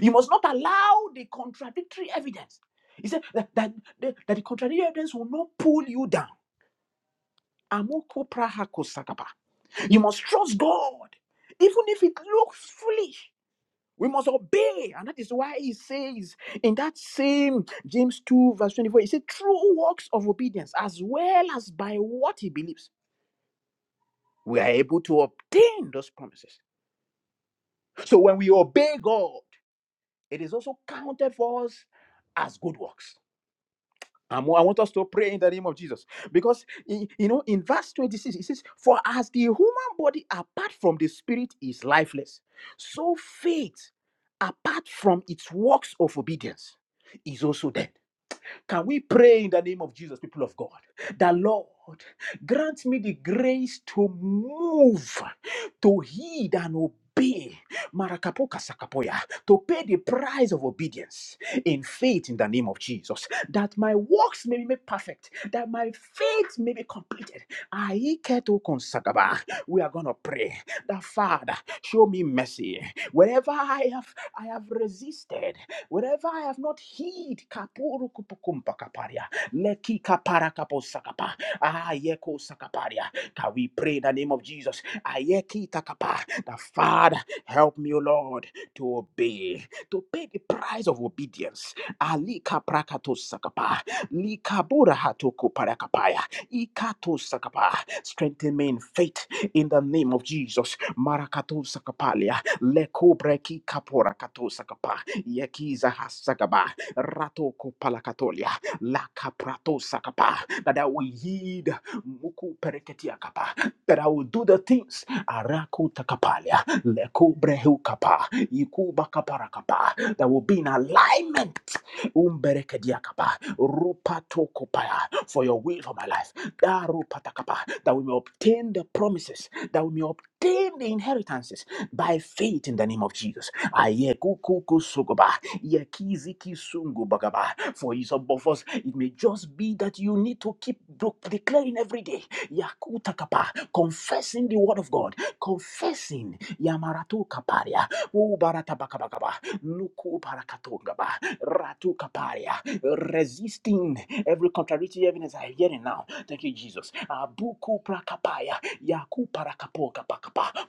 C: You must not allow the contradictory evidence. He said that, that, that that the contradictory evidence will not pull you down. Amoko praha kosakaba. You must trust God, even if it looks foolish. We must obey. And that is why he says in that same James 2, verse 24, he said, through works of obedience, as well as by what he believes, we are able to obtain those promises. So when we obey God, it is also counted for us as good works. I'm- I want us to pray in the name of Jesus. Because, in- you know, in verse 26, it says, For as the human body apart from the spirit is lifeless, so faith apart from its works of obedience is also dead. Can we pray in the name of Jesus, people of God, that Lord, grant me the grace to move, to heed and obey. Marakapoka sakapoya, to pay the price of obedience in faith in the name of Jesus, that my works may be made perfect, that my faith may be completed. Aiketo konsagaba. We are gonna pray that Father, show me mercy. Wherever I have I have resisted, Wherever I have not heed, kapuru kupukumpa kaparia, leki kapara kaposakapa, ayeko sakaparia. Can we pray in the name of Jesus? Ayeki takapa, the Father, help me, O Lord, to obey, to pay the price of obedience. Ali kaprakato sakapa, li kabura hatoku parakapaya, ikato sakapa. Strengthen me in faith in the name of Jesus. Marakato sakapalia, leko breki kapora kato sakapa. Yekiza Hasakaba, Ratoko Palakatolia, Laka Prato Sakapa, that I will heed Muku Pereketiakapa, that I will do the things Araku Takapalia, Leku Brehu Kapa, Ikuba Kaparakapa, that will be in alignment Umberekediakapa, Rupatokopaya, for your will for my life, Darupatakapa, that we may obtain the promises, that we may obtain the inheritance by faith in the name of Jesus. Ayekukukusukuba, yekizikisungubagaba. For some of us, it may just be that you need to keep do- declaring every day, yakutakapa, confessing the word of God, confessing yamaratu kaparia, ubaratabakabakaba, nuku barakatungaba, ratu kaparia, resisting every contradictory evidence I am hearing now. Thank you, Jesus. Abuku prakapaya,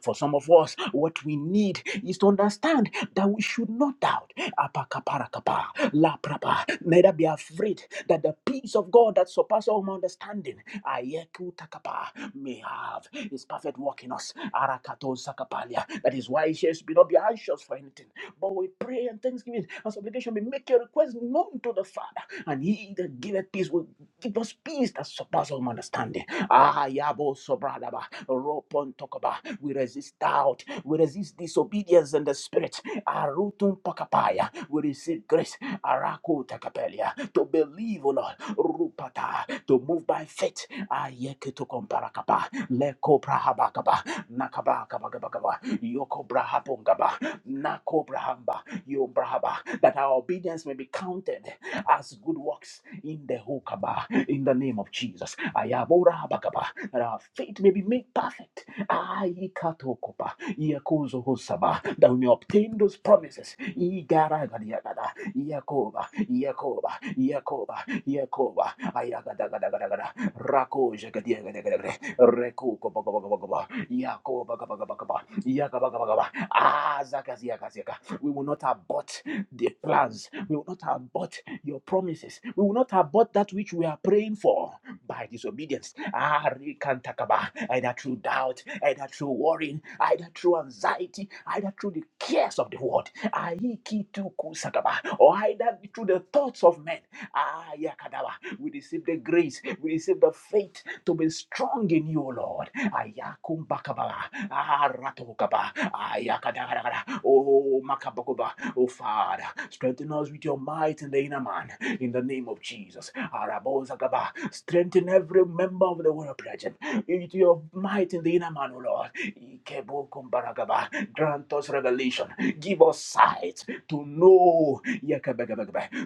C: for some of us, what we need is to understand that we should not doubt. Apaka parakapa, la prapa. Neither be afraid that the peace of God that surpasses all my understanding ayeku takapa, may have his perfect work in us. Arakato sakapalia. That is why he says, Be not be anxious for anything, but we pray and thanksgiving and supplication. We make your request known to the Father, and he that giveth peace will give us peace that surpasses all my understanding. Ah, yabo sobradaba, ropon tokoba. We resist doubt. We resist disobedience in the spirit. Arutun pakapaya. We receive grace. Araku takapelia. To believe, O Lord. Rupata. To move by faith. Ayeketu komparakapa. Leko prahabakaba. Nakaba kabakabakaba. Yoko brahapongaba. Nako brahamba. Yo brahaba. That our obedience may be counted as good works in the hokaba in the name of Jesus. Ayabora bakaba. That our faith may be made perfect. Ayikatokopa. Iakozohosaba. That we may obtain those promises. Igaragadiagada. Iakoba. Iakoba. Iakoba. Iakoba. Ayagadagadagadagada. Rakojagadiagadagadagada. Rekokobogobogobogobo. Yakobagabagabagaba. Yakabagabagaba. Ah, zakaziakaziaka. We will not abort the plans. We will not abort your promises. We will not abort that which we are praying for by disobedience. Ah, rekantakaba. Either through doubt, either through worrying, either through anxiety, either through the cares of the world, Ah, ikitukusakaba. or either through the thoughts of men. Ah, yakadaba. We receive the grace, we receive the faith to be strong in you, O Lord. Ayakumbakaba. Ah, ratokaba. Ah, yakadagadaga. Oh, makabakoba. Oh, Father, strengthen us with your might in the inner man. In the name of Jesus. Arabozagaba. Strengthen every member of the world present. With your might in the inner man, O Lord. Ikebokombaragaba. Grant us revelation. Give us sight to know.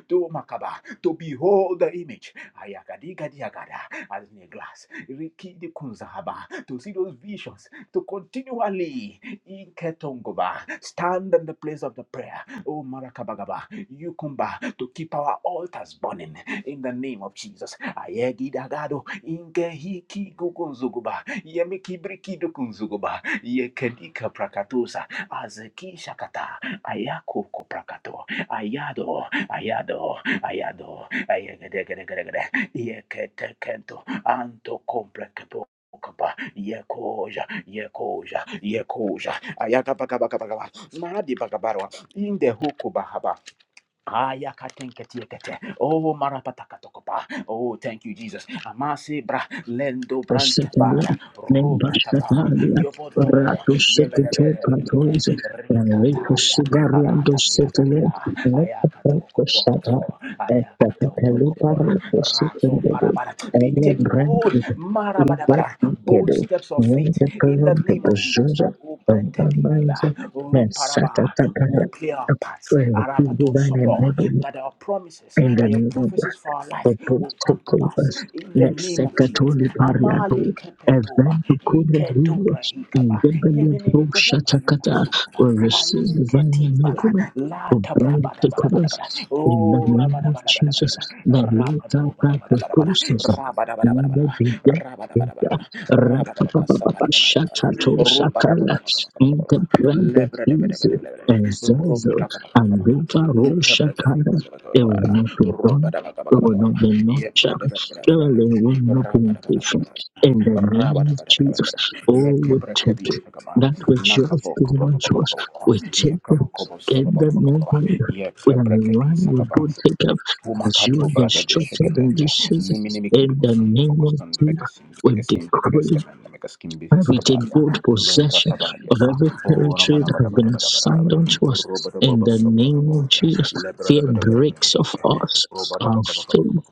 C: To makaba. To behold the image. Ayakadigadiagada. As in a glass. Rikidikunzahaba. To see those visions. To continually Inketongoba. stand in the place of the prayer Oh, Marakabagaba, you come back to keep our altars burning in the name of Jesus. Ayegidagado, ingehiki gugunzuguba, yemikibrikidukunzuguba, yekedika prakatusa, azeki shakata, ayako koprakato, ayado, ayado, ayado, ayegedegedegede, yeketekento, anto komprekepo. Kapa, yekoja, yekoja, yekoja, ayaka pakabaka pakabaka madi pakabaro in the Hokobahaba. Ayakatenketiekete. Oh, marapatakatokopa. Oh, thank you, Jesus. Amasi bra lendo brant bara.
B: Bashatana,
C: brantabara
B: named
C: ropatapa
B: Bashatania,
C: yobodo
B: Ratus Secretary Patos,
C: yebedebedebedebede
B: and Ritus
C: rikatalia
B: Sibariando Setele,
C: aratatiakatia
B: Nepata Basata,
C: ayakatokopokopo
B: and
C: ayakatopokopora
B: Patalipara
C: rato
B: Secretary,
C: parabara. We
B: and the
C: take
B: brand
C: bold
B: is Ida
C: marabadabara bold
B: Edo,
C: steps of
B: near
C: faith
B: the
C: in the
B: current the
C: name of Jesus.
B: Bazuza
C: Oh,
B: of the Manza,
C: bretebidiba
B: Mesata
C: we
B: Tatara,
C: will play our parts.
B: when the
C: Arabaton
B: design
C: Sopo.
B: and
C: That our promises
B: in the
C: and your
B: name of
C: prophecies for our life will come to pass.
B: Ototekovas,
C: In the name of Jesus.
B: Lexecatoli Pariato,
C: Amali Kepetoba.
B: Eventukure
C: Iketobra
B: Village, in
C: Hikaba.
B: Gabele
C: Yemenemi
B: Pro
C: Kubuku
B: Shatakata,
C: Kusukuba.
B: will receive divine
C: Aiketi Bala.
B: enablement
C: La
B: for
C: Tabra
B: bold
C: Bada Bada Bada
B: takeovers
C: Bada.
B: in the
C: Oh
B: name
C: Rabada
B: of
C: Bada Bada Bada
B: Jesus.
C: Bada.
B: The latter
C: Rabado Bada
B: part of
C: Bada
B: the
C: Bada Bada.
B: process,
C: Rabada Bada Bada Bada.
B: neither be dead.
C: Rabada Bada Bada Bada. Rabada Bada Bada Bada.
B: Shatato
C: Rabada Bada
B: Sakala,
C: Bada Bada.
B: interpreted easy
C: Lebre
B: and Zozo and Rita Roshakala, it will not be done we will not be nonchalant. Surely we will not be impatient. In the name of Jesus, oh, we take it. That which you have given unto us, we take them. In the name of Jesus, we are aligned, we don't
C: Yekebrekebisakaba
B: take up as you
C: Umakato
B: have
C: brada de
B: instructed in
C: shagadelia.
B: this season.
C: Nimini miki
B: In the
C: bikusundi
B: name of
C: bukusundi
B: Jesus,
C: bekasindi
B: we
C: bekasindi
B: decree
C: bekasindi bekasindi
B: and we take
C: hiskabalia.
B: bold
C: Lombra
B: possession
C: tabalia
B: of
C: ba.
B: every
C: Oh,
B: territory
C: ramana
B: that has
C: bada bada
B: been
C: bada bada bada
B: assigned
C: bada.
B: unto us.
C: Roba da
B: In the name of Jesus,
C: Lebra da
B: fear
C: bada bada bada
B: breaks off
C: bada.
B: us.
C: Roba da
B: Our faith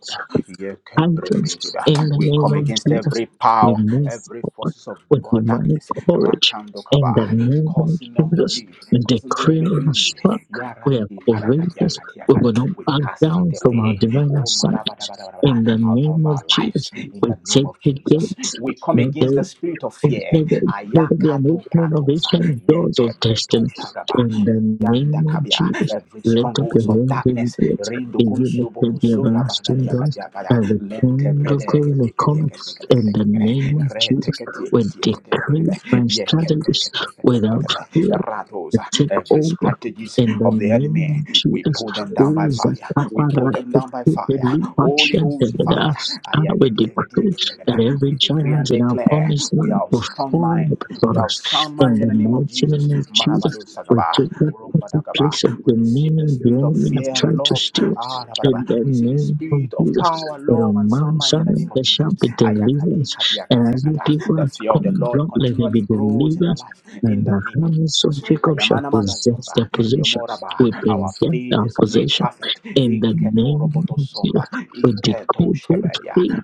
B: others in the
C: We
B: name
C: come
B: of
C: against
B: Jesus.
C: every
B: We
C: power,
B: move
C: every
B: forward
C: forces of
B: with divine
C: darkness.
B: courage
C: Rakando kaba.
B: in the name of
C: Causing
B: Jesus.
C: unbelief,
B: We
C: causing
B: decree we are
C: unbelief.
B: struck.
C: Yara
B: We are courageous. We will not
C: we
B: back
C: cast
B: down
C: it
B: from our
C: away.
B: divine
C: Oh,
B: assignment. In the
C: marabadabadabada, out of
B: name of
C: our lives
B: Jesus,
C: in
B: we
C: the name
B: take
C: of
B: the
C: Jesus. We come
B: gates.
C: against the spirit of
B: Let
C: fear.
B: there let there be an
C: Ayakato
B: opening of
C: pratosa,
B: ancient doors of
C: yekebreto
B: destiny
C: shagaba,
B: in the name of
C: yandakabia.
B: Jesus.
C: Every
B: Let up your
C: strongholds of
B: hands and
C: darkness.
B: gates.
C: Rindukun
B: even if they Be lifted
C: subuku
B: the
C: sunga
B: everlasting
C: bargadia
B: doors.
C: gadia gada.
B: And the
C: Lente
B: King of
C: brede
B: glory will come in the name of
C: Re
B: Jesus.
C: teketi
B: We
C: eketi eketi
B: decree by
C: eketi. Yekete
B: strategies
C: eketi eketi
B: without
C: eketi.
B: fear to
C: Radosa,
B: take
C: Every
B: over
C: strategies
B: in the
C: of the enemy
B: name of
C: we
B: Jesus.
C: pull them down
B: Oh,
C: by fire. We pull
B: Zakapara, I would
C: them down by
B: decree
C: fire. Holy Ghost fire.
B: that
C: Ayagadiagadiagadiagada.
B: every
C: We decree and
B: giant in our
C: declare
B: promised
C: we
B: land
C: are of
B: will
C: strong
B: fall
C: mind. We
B: before
C: are
B: us.
C: of sound
B: In
C: mind in
B: the
C: the name of
B: mighty
C: Jesus.
B: name of Jesus,
C: Marabado
B: we
C: sagaba.
B: take that empty
C: Rombadagaba.
B: place of
C: We receive the
B: dominion the
C: spirit of
B: enemy have
C: fear and
B: tried to
C: love.
B: steal.
C: Ah,
B: In
C: rabadaba.
B: the
C: We receive the
B: name of
C: spirit of
B: Jesus,
C: power,
B: but
C: love,
B: on
C: and sound
B: Mount
C: mind in the
B: Zion
C: name of
B: there shall
C: Jesus.
B: be deliverance. And as the people
C: Ayakadikadiakatiakata. The
B: have
C: fear of the
B: come,
C: Lord
B: Lord, let there be
C: continually grows in our
B: deliverance
C: life in
B: and
C: the
B: the
C: name of
B: families of
C: Jesus.
B: Jacob shall
C: Ayamana
B: possess their
C: magazomba.
B: possessions.
C: Yomoraba.
B: We
C: Our
B: present
C: faith
B: our
C: is made
B: possession
C: perfect
B: in
C: in
B: the
C: Keporo
B: name of
C: Keporobotosomba,
B: Jesus. We
C: in Keto
B: decree both
C: Shebelia,
B: faith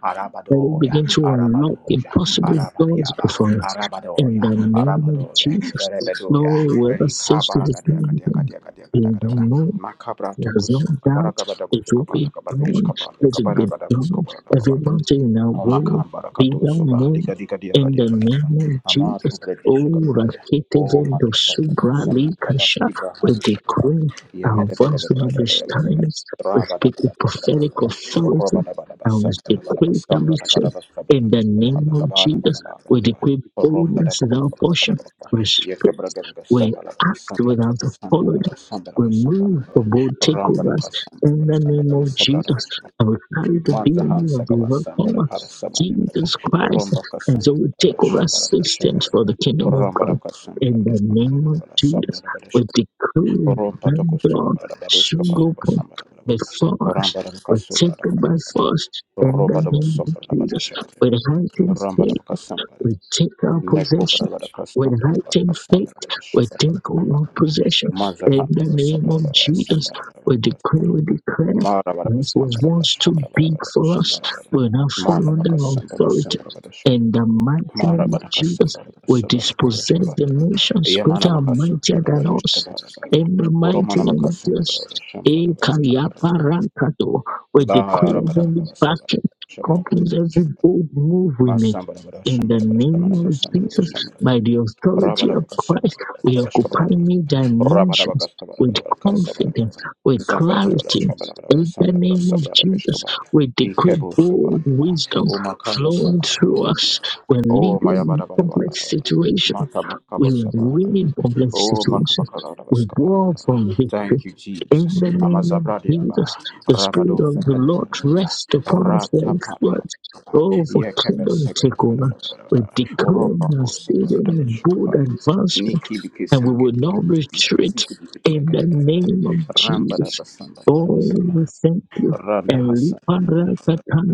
B: that we
C: Arabadoya,
B: begin to unlock
C: Arabadoja,
B: impossible doors
C: Arabadiaba,
B: before us. In
C: Arabadoya,
B: the name of
C: Arabadoya,
B: Jesus,
C: Rebedoya,
B: Lord, whoever
C: Rika
B: says to this
C: Baragadia,
B: name,
C: Gadia, Gadia, Gadia,
B: they
C: Gadia, Gadia,
B: don't know
C: Macabra
B: there's
C: Tokus,
B: no doubt it
C: Gabaragabadagus,
B: will be
C: Gabaragabadish,
B: done. It will be done.
C: Gabaragabadagus,
B: Everybody in our way
C: Omakan
B: be
C: barakato
B: done
C: soba
B: name.
C: liga diga dia
B: In
C: gadia
B: the name
C: gadia.
B: of
C: Amato
B: Jesus, oh
C: bradisha gadia.
B: Rakete
C: O
B: Vendo
C: mata pratako
B: Subra
C: sama
B: Likasha,
C: tabaski
B: we
C: brahadu shakaba.
B: decree our
C: Yamete bede
B: voice will
C: bede
B: not be
C: bede bede bede bede.
B: silenced. We
C: Raba da
B: speak with
C: bada bada bada bada
B: prophetic
C: bada. Roba
B: authority
C: da bada
B: and we
C: basam da da bada
B: decree that
C: basam
B: we
C: da da bada
B: say,
C: basam da da
B: in the
C: basam da da
B: name of
C: bada
B: Jesus,
C: bada bada
B: we
C: bada
B: decree
C: Rom bada. Romba da
B: boldness is
C: kaba
B: our
C: kaba kaba kaba
B: portion.
C: kaba.
B: We
C: Yeke
B: speak,
C: braga da basam
B: we
C: da da
B: act
C: basam da da
B: without
C: basam da
B: apology
C: da basam da da basam da da
B: Remove for
C: bada.
B: bold
C: Ramba da
B: takeovers
C: basam da da
B: in the
C: basam da
B: name
C: da
B: of
C: basam da da basam da da
B: Jesus.
C: basam
B: And we carry the
C: Mazahan
B: DNA of the
C: Sagaba Sambara
B: overcomer,
C: Hara
B: Jesus Christ,
C: Romba
B: and
C: Kasamba
B: so we take over
C: Shambara Shambara
B: systems for the kingdom of
C: Rambara
B: God.
C: Kasambara
B: In the name of
C: Sambara
B: Jesus,
C: Sambara Badesh
B: we decree and
C: Romba
B: defend God
C: Tokusambara Badushka
B: should go
C: Baraba
B: forth
C: Sambara
B: before us.
C: Rambara
B: We take
C: Kasubara
B: them by force in
C: Roba
B: the name of
C: Sambara
B: Jesus.
C: Badisha
B: With heightened faith
C: Rambara Kasambara
B: we take our
C: Neko
B: possession
C: barabara
B: with
C: custom barabara
B: heightened
C: custom
B: faith.
C: barabara shop
B: We
C: barabara
B: take all our
C: barabara
B: possession
C: Maza
B: in
C: hand
B: the
C: barabara sub
B: name of
C: barabara sam
B: Jesus.
C: barabara
B: We decree, we
C: barabara
B: declare.
C: Mara barabara
B: This
C: scam
B: was
C: barabara
B: once
C: shop
B: too
C: barabara
B: big
C: barabara
B: for
C: sham
B: us.
C: barabara
B: We now
C: Mana
B: fall under
C: baka
B: our
C: sam barabara sam
B: authority.
C: barabara shop
B: In the mighty
C: Mara
B: name of
C: barabara custom
B: Jesus,
C: barabara
B: we
C: sub barabara shop
B: dispossess the
C: barabara
B: nations
C: Yamana
B: greater
C: baka
B: and
C: sam
B: mightier than
C: barabara shop
B: us.
C: barabara
B: In the mighty
C: Romana
B: name
C: baka
B: of
C: sam
B: Jesus,
C: barabara sham barabara sam barabara
B: Ekayaparankato, we
C: La
B: declare
C: barabara
B: every
C: baka sam
B: backing,
C: barabara shop
B: companies
C: barabara
B: every bold move we make.
C: Masam barabara
B: In
C: sham
B: the
C: barabara sam
B: name
C: barabara
B: of
C: sam
B: Jesus,
C: barabara
B: by the
C: Thank
B: authority of
C: you,
B: Christ, we occupy new dimensions with confidence, with clarity. In the name of Jesus, we decree bold wisdom flowing through us. We're leading complex situations. We're winning complex situations. We war for victory. In
C: Jesus.
B: the name of
C: Amazabradiaba,
B: Jesus, the Spirit
C: Rabado,
B: of the Lord rests upon us for His
C: Raptapa,
B: word. Oh, for kingdom takeover we
C: Yekabes,
B: declare
C: Oromba
B: a
C: kosa
B: season
C: tarada
B: of
C: bashuka
B: bold
C: paya.
B: advancement
C: Niki biki
B: and we
C: sanke
B: will
C: tiki
B: not
C: tiki yaka
B: retreat
C: siki tiki tiki
B: in
C: yaka
B: the
C: tiki yaka tiki.
B: name of
C: Ramba da
B: Jesus.
C: basan da da
B: Oh,
C: basan da.
B: we thank you.
C: Randa hasan da da da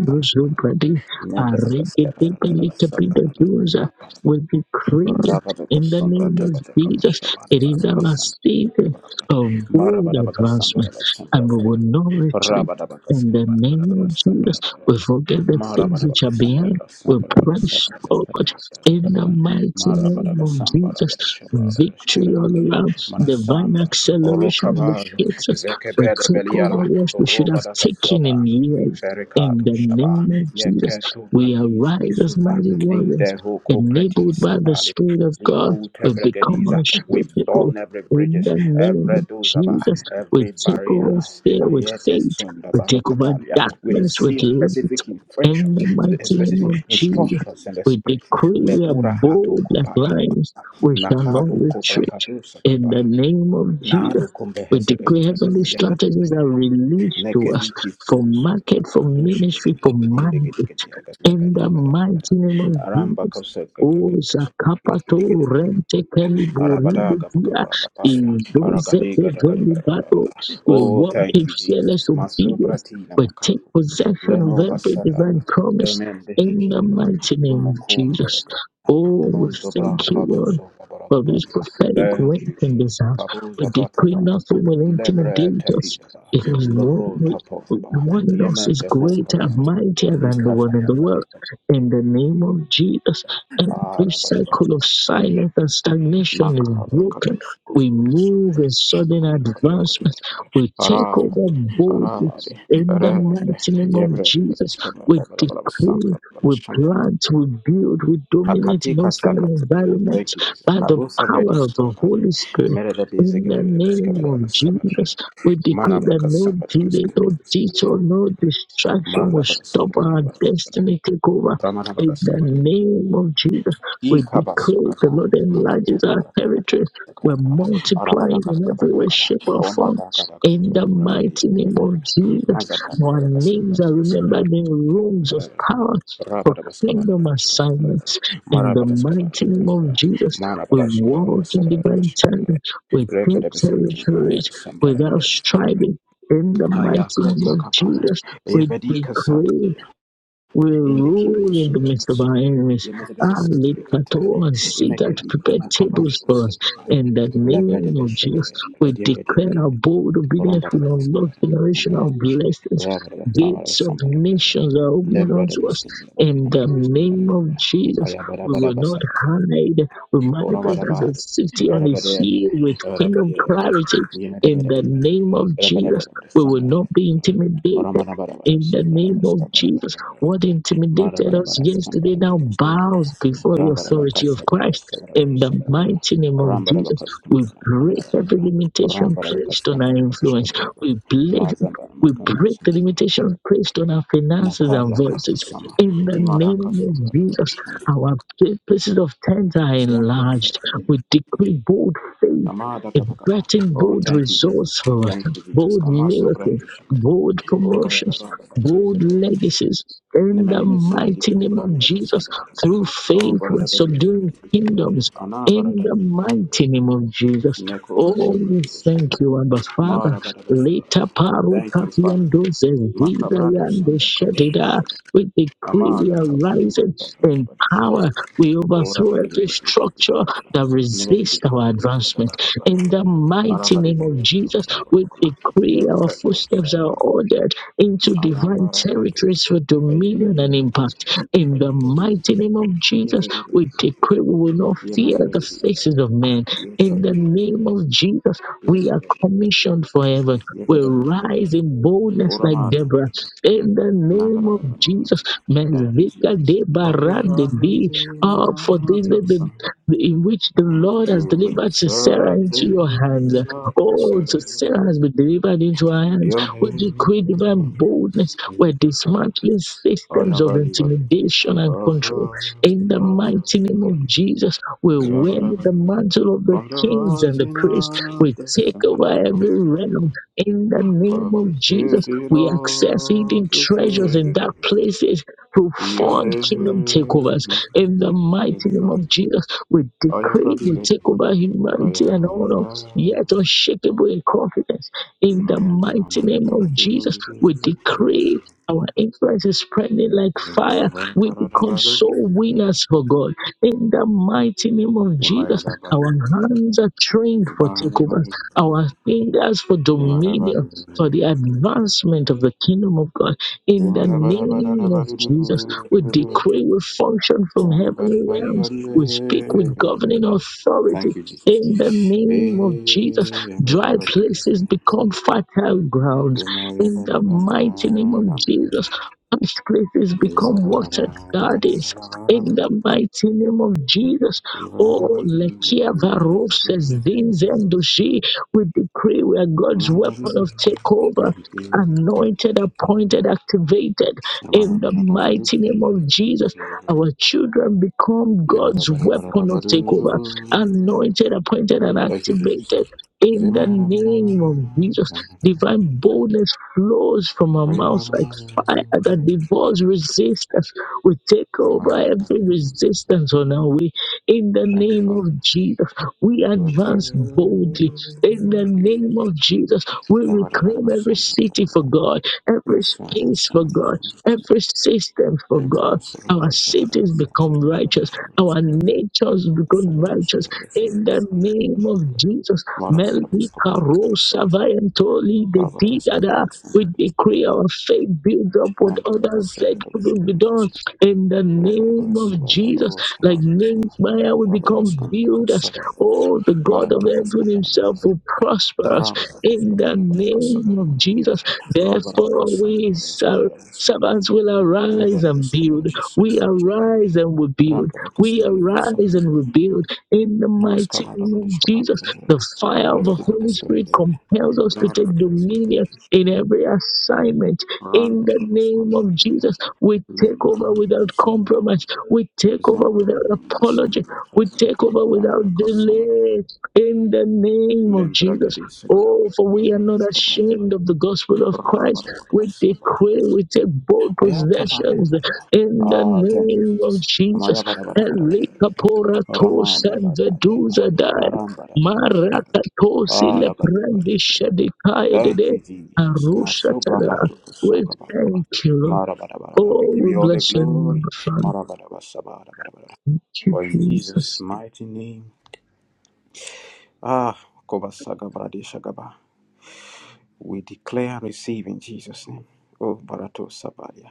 C: da da. Mende bakaska da da da basan da da
B: aregedebelikabidagyoza.
C: da.
B: We decree it
C: Rabadoko
B: in the
C: Sombra
B: name of
C: Tabadaka
B: Jesus.
C: Bashabana
B: It is our
C: Samba Tabaka
B: season
C: Shamana
B: of bold
C: Marabadabaka
B: advancement,
C: Sambara Sambara
B: and we will not retreat
C: Rabadabaka
B: in the name
C: Sambara
B: of Jesus.
C: Sambara
B: We forget the things which
C: Marabadabaka
B: are behind
C: Sambara
B: we
C: Sambara
B: praise God in the
C: Sambara
B: mighty name
C: Marabadaka
B: of
C: Sambara
B: Jesus.
C: Shamara
B: Victory all around. Divine
C: Manasamba
B: acceleration
C: Orokabado
B: locates us. We
C: Zekebede
B: take
C: Beliala
B: over what we should have
C: Robadaka
B: taken in
C: Soba
B: years. In
C: Imbericatu
B: the
C: Shaba
B: name of Jesus,
C: Yeketu
B: we
C: Pratis
B: arise as
C: Bisuba
B: mighty warriors,
C: Indehu
B: enabled
C: Copretis
B: by the Spirit of God. We become
C: Likutebragadiza. We
B: unshakable.
C: burn every
B: In
C: bridges,
B: the name
C: every
B: of
C: dozaba,
B: Jesus, we
C: every
B: take
C: barrier.
B: over fear with faith.
C: Ayetesunda
B: We take over
C: barukatalia. We
B: darkness with
C: receive
B: love.
C: specific
B: In
C: instructions,
B: the mighty
C: spe-
B: name
C: specific
B: of Jesus,
C: instructions in the
B: we
C: spirit.
B: decree we are
C: Lepura hatu
B: bold as
C: kopaya.
B: lions. We shall not
C: Nakabo Kobra
B: retreat.
C: Kadusa
B: In
C: Kapa.
B: the name of
C: Nahado
B: Jesus,
C: Kombe
B: we
C: Hesegadi
B: decree heavenly
C: Yakadi Yakadi
B: strategies are
C: Yakadi.
B: released to us
C: Nekadi
B: for
C: Kisugus.
B: market, for
C: Agadushi Gadi
B: ministry, for
C: Yakadi Negadi
B: mandate.
C: Gadi Yakadi
B: In
C: Yakadi
B: the
C: Yakada.
B: mighty name of
C: Aramba
B: Jesus.
C: Kosa Kabra
B: O
C: Gadi Gadi
B: Zakapato
C: Gadi Gadi.
B: Rente Keliburi
C: Arabada Gaba Gaba Gaba.
B: Indoze
C: Aragadi Gada Gada Gada.
B: Bado. We
C: Oh,
B: walk
C: thank
B: in
C: you,
B: fearless
C: Jesus. Maso
B: obedience
C: Bratina
B: but take
C: Makato.
B: possession of
C: Leno
B: every
C: Basada,
B: divine promise
C: Amen
B: in the
C: Dehikiba,
B: mighty name of Jesus.
C: Dumokumberg,
B: Oh, we
C: Nundo
B: thank you,
C: Braka
B: Lord,
C: Baso
B: for this
C: Baragabalia.
B: prophetic word
C: Thank you,
B: in
C: Jesus.
B: this house. We
C: Kabuza
B: decree
C: Brataba,
B: nothing will
C: Lebre
B: intimidate us.
C: Tapida,
B: If the
C: Lobro Tapova,
B: one of us
C: Yemen
B: is
C: de
B: greater
C: Hokaba,
B: and mightier than the one in
C: Nikavaya,
B: the world, in the name of Jesus, every cycle of
C: Arabadabasa.
B: silence and stagnation is
C: Makaba
B: broken.
C: katus
B: We
C: kubus
B: move in sudden
C: shukadara kadia
B: advancement.
C: kadara kadara
B: We take
C: arari
B: over boldly
C: arari
B: in the
C: arari
B: mighty name of
C: yebre bada
B: Jesus,
C: skama
B: we
C: bala bala
B: decree,
C: samba bala
B: we
C: shambali
B: plant, we build, we dominate in
C: hakatika
B: those kind of
C: sakatulia
B: environments
C: thank you Jesus
B: by the
C: tabu sabredi
B: power of the
C: skabali
B: Holy Spirit.
C: mere da bize
B: In the
C: gede bala skama
B: name
C: bala
B: of Jesus,
C: sabara
B: we
C: mana
B: decree
C: bala
B: that no
C: kasamba bala
B: delay,
C: skama
B: no
C: bala
B: detour, no distraction will
C: mara bala
B: stop
C: sabara
B: our
C: bala bala
B: destiny take over.
C: ramana
B: In the
C: bala
B: name of Jesus, we
C: da kada
B: decree the
C: kada
B: Lord enlarges our territories. We're
C: arabada
B: multiplying
C: kada
B: in
C: kada
B: every way,
C: kada
B: shape, or
C: o
B: form
C: mada kada kada
B: in
C: so
B: the
C: kada di
B: mighty name
C: kada
B: of Jesus,
C: mazabran
B: our
C: kada
B: names
C: kasambara
B: are
C: kada sambara
B: remembered in rooms of power for
C: rabada bas kada
B: kingdom
C: kada kada
B: assignments. In the
C: marabada kada
B: mighty name of Jesus, we walk in divine timing. We take territories without
C: kada mana
B: striving. In the mighty name
C: Ayakata
B: of
C: kapara,
B: Jesus, we
C: evedi kasata
B: decree.
C: dia,
B: We
C: indeki
B: rule in the
C: bikusunda
B: midst of our enemies.
C: Yemekeli
B: Alikato and see that prepare tables for us. In the name of Jesus, we declare our bold obedience will unlock generational blessings.
C: Robert the camera
B: Gates
C: with
B: of
C: somebody.
B: nations are opening
C: Lembra the
B: unto us.
C: biscuit.
B: In the name of
C: I
B: Jesus,
C: have a
B: we will not
C: rabba
B: hide. We manifest as
C: Oramadaba,
B: a city on a
C: Erabadebe,
B: hill with kingdom
C: Erabadebe,
B: clarity. In
C: Yemedebedebe,
B: the name of Jesus,
C: Erabadebe,
B: we will
C: Sambara,
B: not be intimidated
C: Oramadabadaba,
B: in the
C: Sobraba,
B: name of
C: Sambara,
B: Jesus. What intimidated us
C: Madabadabada,
B: yesterday
C: Scambara,
B: now
C: Sambara,
B: bows before the
C: rambara
B: authority of
C: Casabra,
B: Christ.
C: Sabra,
B: In the
C: Sabra,
B: mighty name of
C: rambara
B: Jesus, we
C: Cascambara,
B: break every
C: Rambadaba,
B: limitation
C: Rambadaba,
B: placed on our
C: Cascambara,
B: influence.
C: Scambara,
B: We bless,
C: Mazambara,
B: we
C: Macama,
B: break the
C: Sambara,
B: limitation placed on our finances and
C: Nakabla, Katu,
B: voices.
C: Sama,
B: In the
C: Imada,
B: name of
C: Casabra,
B: Jesus,
C: Scambara,
B: our places of tent are enlarged.
C: Zafra,
B: We decree bold faith,
C: Kama da da da da da.
B: inviting
C: Oh,
B: bold
C: thank you, Jesus.
B: results for us,
C: Thank you, Jesus.
B: bold
C: Kama sobra
B: miracles,
C: hishaka.
B: bold
C: Oh, bara da
B: promotions,
C: da da da da
B: bold
C: da da.
B: legacies
C: Ne
B: in the
C: mani me singi di
B: mighty name
C: kubra
B: of
C: di da
B: Jesus.
C: sobra da da. da
B: Through
C: Oh,
B: faith,
C: bara
B: we're
C: da da da da
B: subduing
C: da da.
B: kingdoms
C: Ana bara
B: in
C: da da
B: the
C: da da da.
B: mighty name of Jesus.
C: Ne kubra
B: Oh,
C: sobra
B: we
C: di da da.
B: thank you, Abba
C: Mara
B: Father.
C: bara da da da da
B: Later,
C: da. Thank you, Father.
B: Parukatiando says,
C: Makabra do
B: Zizayando
C: sanda kabra do
B: Shedida.
C: shaka.
B: We decree
C: Ama
B: we
C: da
B: are
C: kabra da
B: rising
C: da da
B: in
C: da da.
B: power. We
C: Ora
B: overthrow
C: da di di di
B: every
C: di di di
B: structure
C: di di.
B: that
C: Nella di di
B: resists
C: di di
B: our
C: di di. Bada
B: advancement.
C: bada bada
B: In the
C: bada. Ara
B: mighty
C: bada
B: name of
C: bada bada bada
B: Jesus,
C: bada bada
B: we
C: bada.
B: decree
C: Yek
B: our
C: kato
B: footsteps
C: sara
B: are
C: bada.
B: ordered into
C: Ayam
B: divine
C: bara kato.
B: territories for
C: Aye
B: dominion
C: badi aye
B: and
C: badi
B: impact. In the
C: Aye badi
B: mighty name of
C: Ye
B: Jesus,
C: badi badi
B: we
C: badi badi
B: decree we will not
C: Ye
B: fear
C: mere
B: the
C: badi badi
B: faces
C: badi
B: of men. In the name of Jesus,
C: I
B: we are commissioned for heaven. We rise in boldness
C: am
B: like Deborah. In the name of
C: Barakatu.
B: Jesus,
C: Thank you,
B: Mezika
C: Jesus.
B: de
C: From the
B: Barande be
C: rising
B: up for
C: of
B: this day
C: the
B: the-
C: sun
B: in which the Lord has
C: To the
B: delivered Sarah into
C: surface
B: your hands.
C: of the
B: Oh,
C: sun,
B: so Sarah has been delivered into our hands
C: your
B: we
C: name
B: decree divine boldness.
C: is
B: We're
C: God.
B: dismantling
C: Oh,
B: systems
C: yeah,
B: of
C: God, you got me.
B: intimidation and
C: Oh,
B: control.
C: oh,
B: In
C: oh,
B: the mighty name
C: oh.
B: of Jesus, we
C: Yeah,
B: wear
C: but I got- it.
B: the mantle of the
C: From the
B: kings and the
C: rising
B: priests.
C: of
B: We
C: the
B: take
C: sun,
B: over
C: oh, but
B: every
C: I got- it.
B: realm. In the name
C: from the
B: of Jesus,
C: setting
B: we access hidden
C: of the
B: treasures in
C: sun,
B: dark places to
C: your
B: fund kingdom takeovers.
C: name
B: In the mighty
C: is
B: name
C: God.
B: of Jesus, we
C: Oh, yeah,
B: decree
C: God, you
B: we
C: got me.
B: take over
C: Oh,
B: humanity
C: yeah,
B: and
C: oh,
B: honor,
C: oh, oh.
B: yet unshakable in confidence
C: Yeah,
B: in the
C: my, yeah, no, no, no,
B: mighty
C: no, no, no, no,
B: name of
C: no, no,
B: Jesus, we
C: no, no, no,
B: decree
C: no.
B: our influence is spreading like
C: Thank
B: fire. We become soul winners for God. In the mighty name of Jesus, our hands are trained for takeovers, our fingers for dominion, for the advancement of the kingdom of God. In the name of Jesus, we decree, we function from heavenly realms. We speak with governing authority
C: you, Jesus.
B: in the name of Jesus Dry places become fertile grounds in the mighty name of Jesus. Past places become watered gardens in the mighty name of Jesus. Oh, Lekia Varov says, Zinzendoshi, we decree we are God's weapon of takeover,
C: Thank you.
B: anointed, appointed, activated
C: Thank you,
B: in the mighty name
C: Jesus.
B: of Jesus. Our children become
C: Thank you,
B: God's weapon
C: Father.
B: of takeover, anointed, appointed, and activated in the name of Jesus, divine boldness flows from our mouths like fire that devours resistance. We take over every resistance on our way. In the
C: Thank
B: name of Jesus, we advance boldly. In the
C: you,
B: name
C: Jesus.
B: of Jesus, we reclaim every city for God, every space for God, every system for God. Our cities become righteous, our natures become righteous. In the name of Jesus, Melki
C: Mara
B: karosa
C: Rambara
B: vayantoli the deed that we decree our faith builds up what others said couldn't be done in the name of Jesus. Like Nehemiah, we become builders. Oh, the God of heaven himself will prosper us in the name of Jesus. Therefore, we serve. Servants will arise and build. We arise and we build. We arise and we build in the mighty name of Jesus. The fire of the Holy Spirit compels us to take dominion in every assignment. In
C: Randa
B: the name
C: Karasamba,
B: of Jesus, we take
C: Lemba
B: over
C: Handi
B: without
C: Kusamba,
B: compromise. We take over
C: Zambra
B: without
C: Nina
B: apology.
C: Samba,
B: We take over
C: Rambra
B: without
C: Kasamba,
B: delay. In the name of
C: Lembra
B: Jesus.
C: Gadi Segura,
B: Oh, for we are not ashamed of the gospel of Christ.
C: Rabara
B: We decree,
C: Sabala,
B: we take bold
C: Ayapala
B: possessions
C: Kula.
B: in the
C: Ah, thank you,
B: name of
C: Jesus.
B: Jesus.
C: Amaya bara bara, Bada Bada
B: Elika
C: Bada.
B: pora to
C: Ramanda Bada
B: sanza
C: bara bara
B: duza daya.
C: Aramba Bada Bada Bada.
B: Marakatosi
C: Ah, Rabadi
B: leprandi
C: Rabadi. Thank
B: shadikaidede
C: you, Jesus. Masobra
B: arushatara.
C: hatuku
B: We
C: sakababa.
B: thank you, Lord.
C: Marabarabarabara. We
B: Oh,
C: give
B: we
C: you all the
B: bless your name, our
C: glory.
B: Father.
C: Marabarabasabarabarabara.
B: Thank
C: For in
B: you,
C: Jesus'
B: Jesus.
C: mighty name, ah, kobasagabradeshagaba. we declare and receive in Jesus' name. Oh, Barato Sabaria.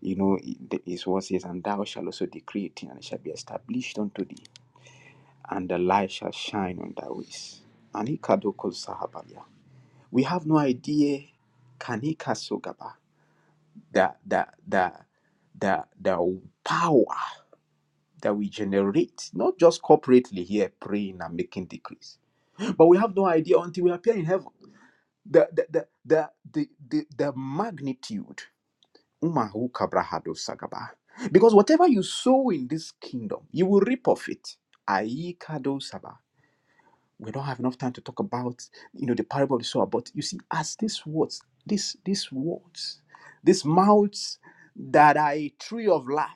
C: You know, it the- His what says, And thou shalt also decree it, and it shall be established unto thee, and the light shall shine on thy ways. Anikadoko Sahabalia. We have no idea Kanika That that that that the power that we generate, not just corporately here praying and making decrees, but we have no idea until we appear in heaven. The the the the the, the, the magnitude. Umahu kabrahado sagaba. Because whatever you sow in this kingdom, you will reap of it. Aikado saba. We don't have enough time to talk about you know the parable of the sower, but you see, as these words, this these words, these mouths that are a tree of life.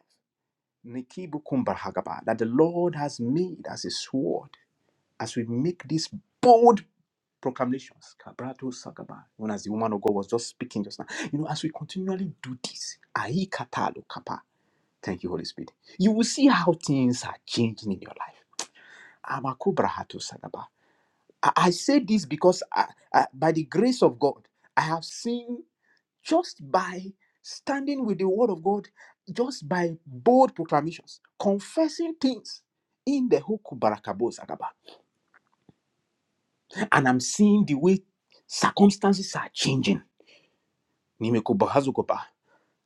C: Nikibukumbarhagaba, that the Lord has made as a sword as we make these bold proclamations. Kabrato Sagaba, When as the woman of God was just speaking just now. You know, as we continually do this, ahi katalo kapa. Thank you, Holy Spirit. You will see how things are changing in your life. Amakubrahato Sagaba. I I say this because I, I- by the grace of God, I have seen just by standing with the word of God, just by bold proclamations, confessing things in the Hoku Barakabo Zagaba. And I'm seeing the way circumstances are changing. Nimeko Bahazukopa.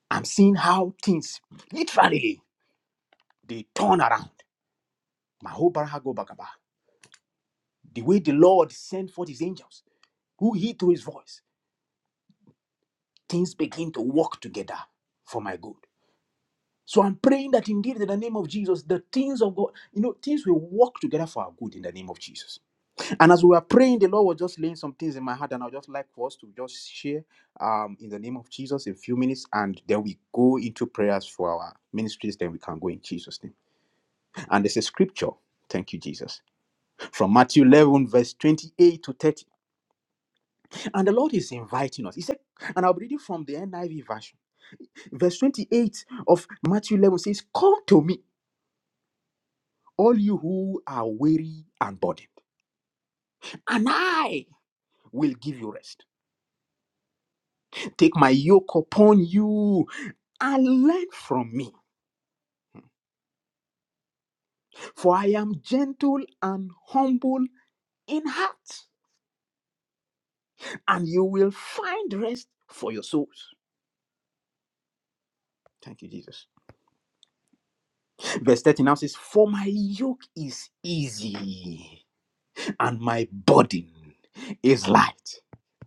C: I'm seeing how things literally they turn around. Maho Barahago Bagaba. The way the Lord sent forth his angels, who heed to his voice, things begin to work together for my good. So I'm praying that indeed in the name of Jesus, the things of God, you know, things will work together for our good in the name of Jesus. And as we were praying, the Lord was just laying some things in my heart, and I'd just like for us to just share um, in the name of Jesus in a few minutes, and then we go into prayers for our ministries, then we can go in Jesus' name. And there's a scripture. Thank you, Jesus. From Matthew 11, verse 28 to 30. And the Lord is inviting us. He said, and I'll be reading from the NIV version. Verse 28 of Matthew 11 says, Come to me. all you who are weary and burdened, and I will give you rest. Take my yoke upon you and learn from me, for I am gentle and humble in heart, and you will find rest for your souls. Thank you, Jesus. Verse 13 now says, For my yoke is easy and my burden is light.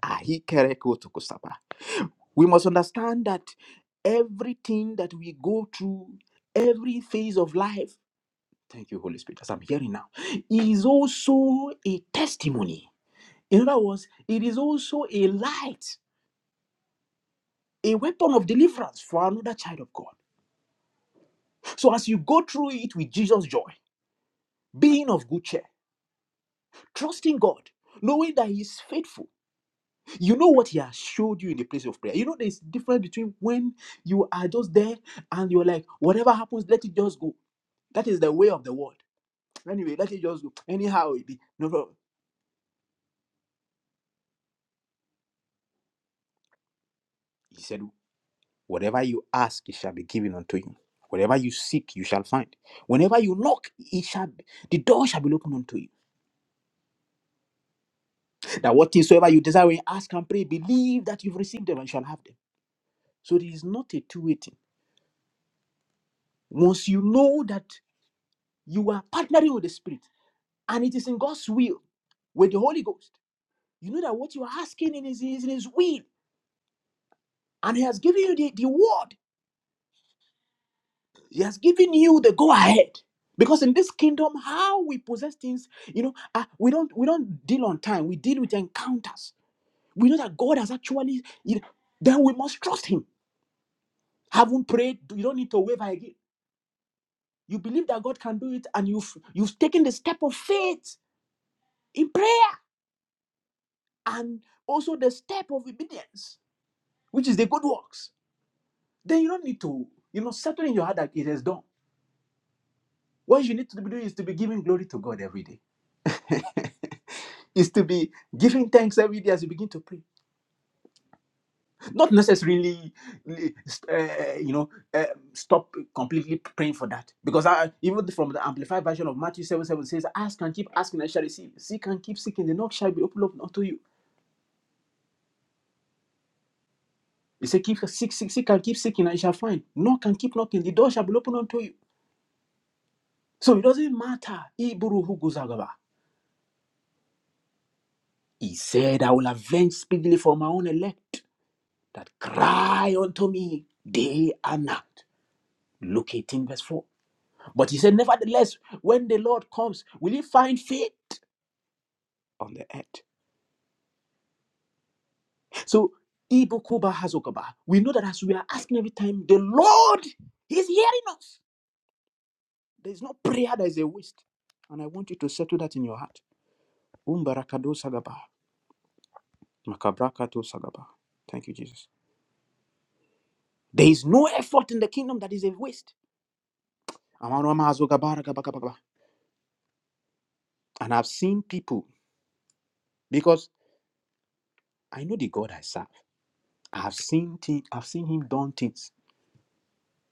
C: Ahikerekotukosaba. We must understand that everything that we go through, every phase of life, thank you, Holy Spirit, as I'm hearing now, is also a testimony. In other words, it is also a light, a weapon of deliverance for another child of God. So as you go through it with Jesus' joy, being of good cheer, trusting God, knowing that He is faithful, you know what He has showed you in the place of prayer. You know, there's difference between when you are just there and you're like, whatever happens, let it just go That is the way of the world. Anyway, let it just go. Anyhow, it be no problem. He said, Whatever you ask, it shall be given unto you. Whatever you seek, you shall find. Whenever you knock, it shall be, the door shall be opened unto you. That what things soever you desire, when you ask and pray, believe that you've received them and shall have them. So there is not a two-way thing. Once you know that you are partnering with the Spirit, and it is in God's will with the Holy Ghost, you know that what you are asking in is, is in His will, and He has given you the, the word. He has given you the go ahead. Because in this kingdom, how we possess things, you know, uh, we don't we don't deal on time. We deal with encounters. We know that God has actually, you know, then we must trust Him. Haven't prayed, you don't need to waver again. You believe that God can do it, and you've you've taken the step of faith in prayer and also the step of obedience, which is the good works. Then you don't need to, you know, settle in your heart that it is done. What you need to be doing is to be giving glory to God every day. is to be giving thanks every day as you begin to pray. Not necessarily, uh, you know, uh, stop completely praying for that. Because I, even from the amplified version of Matthew 7 7 says, Ask and keep asking and you shall receive. Seek and keep seeking, the knock shall be opened up unto you. He said, keep, seek, seek, seek and keep seeking and you shall find. Knock and keep knocking, the door shall be opened unto you. So it doesn't matter. Iburuhu guzagaba. He said, I will avenge speedily for my own elect that cry unto me day and night. Look 18 verse 4. But he said, Nevertheless, when the Lord comes, will he find faith on the earth? So, Ibokoba Hazokoba, we know that as we are asking every time, the Lord is hearing us. There is no prayer that is a waste. And I want you to settle that in your heart. Umbarakado Sagaba, Makabrakato Sagaba. Thank you, Jesus. There is no effort in the kingdom that is a waste. Amaroma Hazogabara Gabagababa. And I've seen people, because I know the God I serve, I've seen, thi- I've seen him done things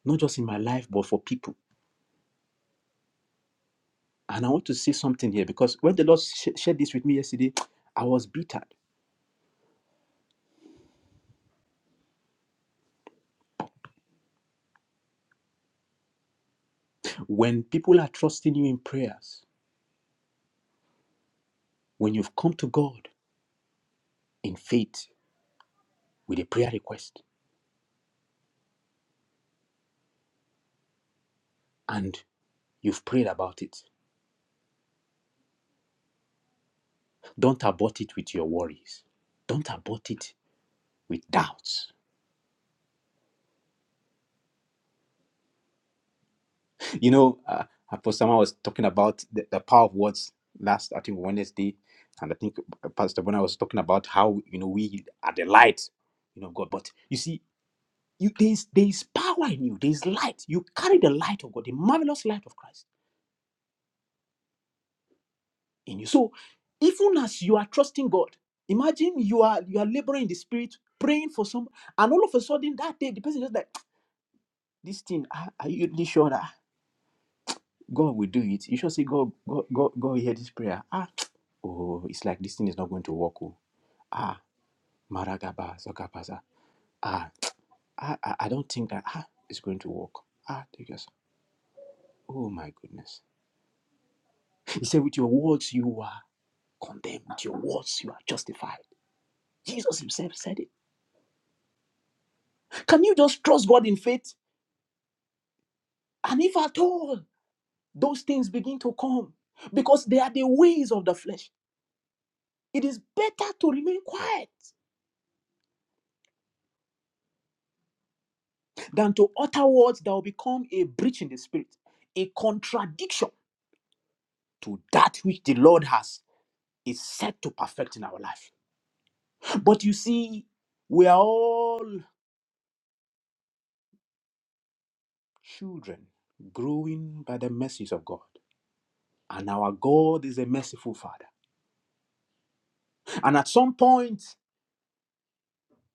C: not just in my life, but for people. And I want to say something here because when the Lord sh- shared this with me yesterday, I was bitter. When people are trusting you in prayers, when you've come to God in faith with a prayer request and you've prayed about it, don't abort it with your worries. Don't abort it with doubts. You know, uh, Apostle Samuel was talking about the, the power of words last, I think, Wednesday. And I think uh, Pastor Bona was talking about how, you know, we are the light, you know, God. But you see, You, there's, there's power in you, there's light. You carry the light of God, the marvelous light of Christ in you. So, even as you are trusting God, imagine you are you are laboring in the spirit, praying for some, and all of a sudden that day, the person just like, "Ah, This thing, ah, are you really sure that God will do it? You should say, God, God, God, God, hear this prayer. Ah, (tsk) oh, it's like this thing is not going to work. Oh. Ah, Maragaba, Zokapasa. Ah, I, I, I don't think that ah, it's going to work. Ah, take us. Oh my goodness. (laughs) He said, with your words you are. condemned. with Your words, you are justified. Jesus himself said it. Can you just trust God in faith? And if at all those things begin to come, because they are the ways of the flesh, it is better to remain quiet than to utter words that will become a breach in the spirit, a contradiction to that which the Lord has is set to perfect in our life. But you see, we are all children growing by the mercies of God, and our God is a merciful Father. And at some point,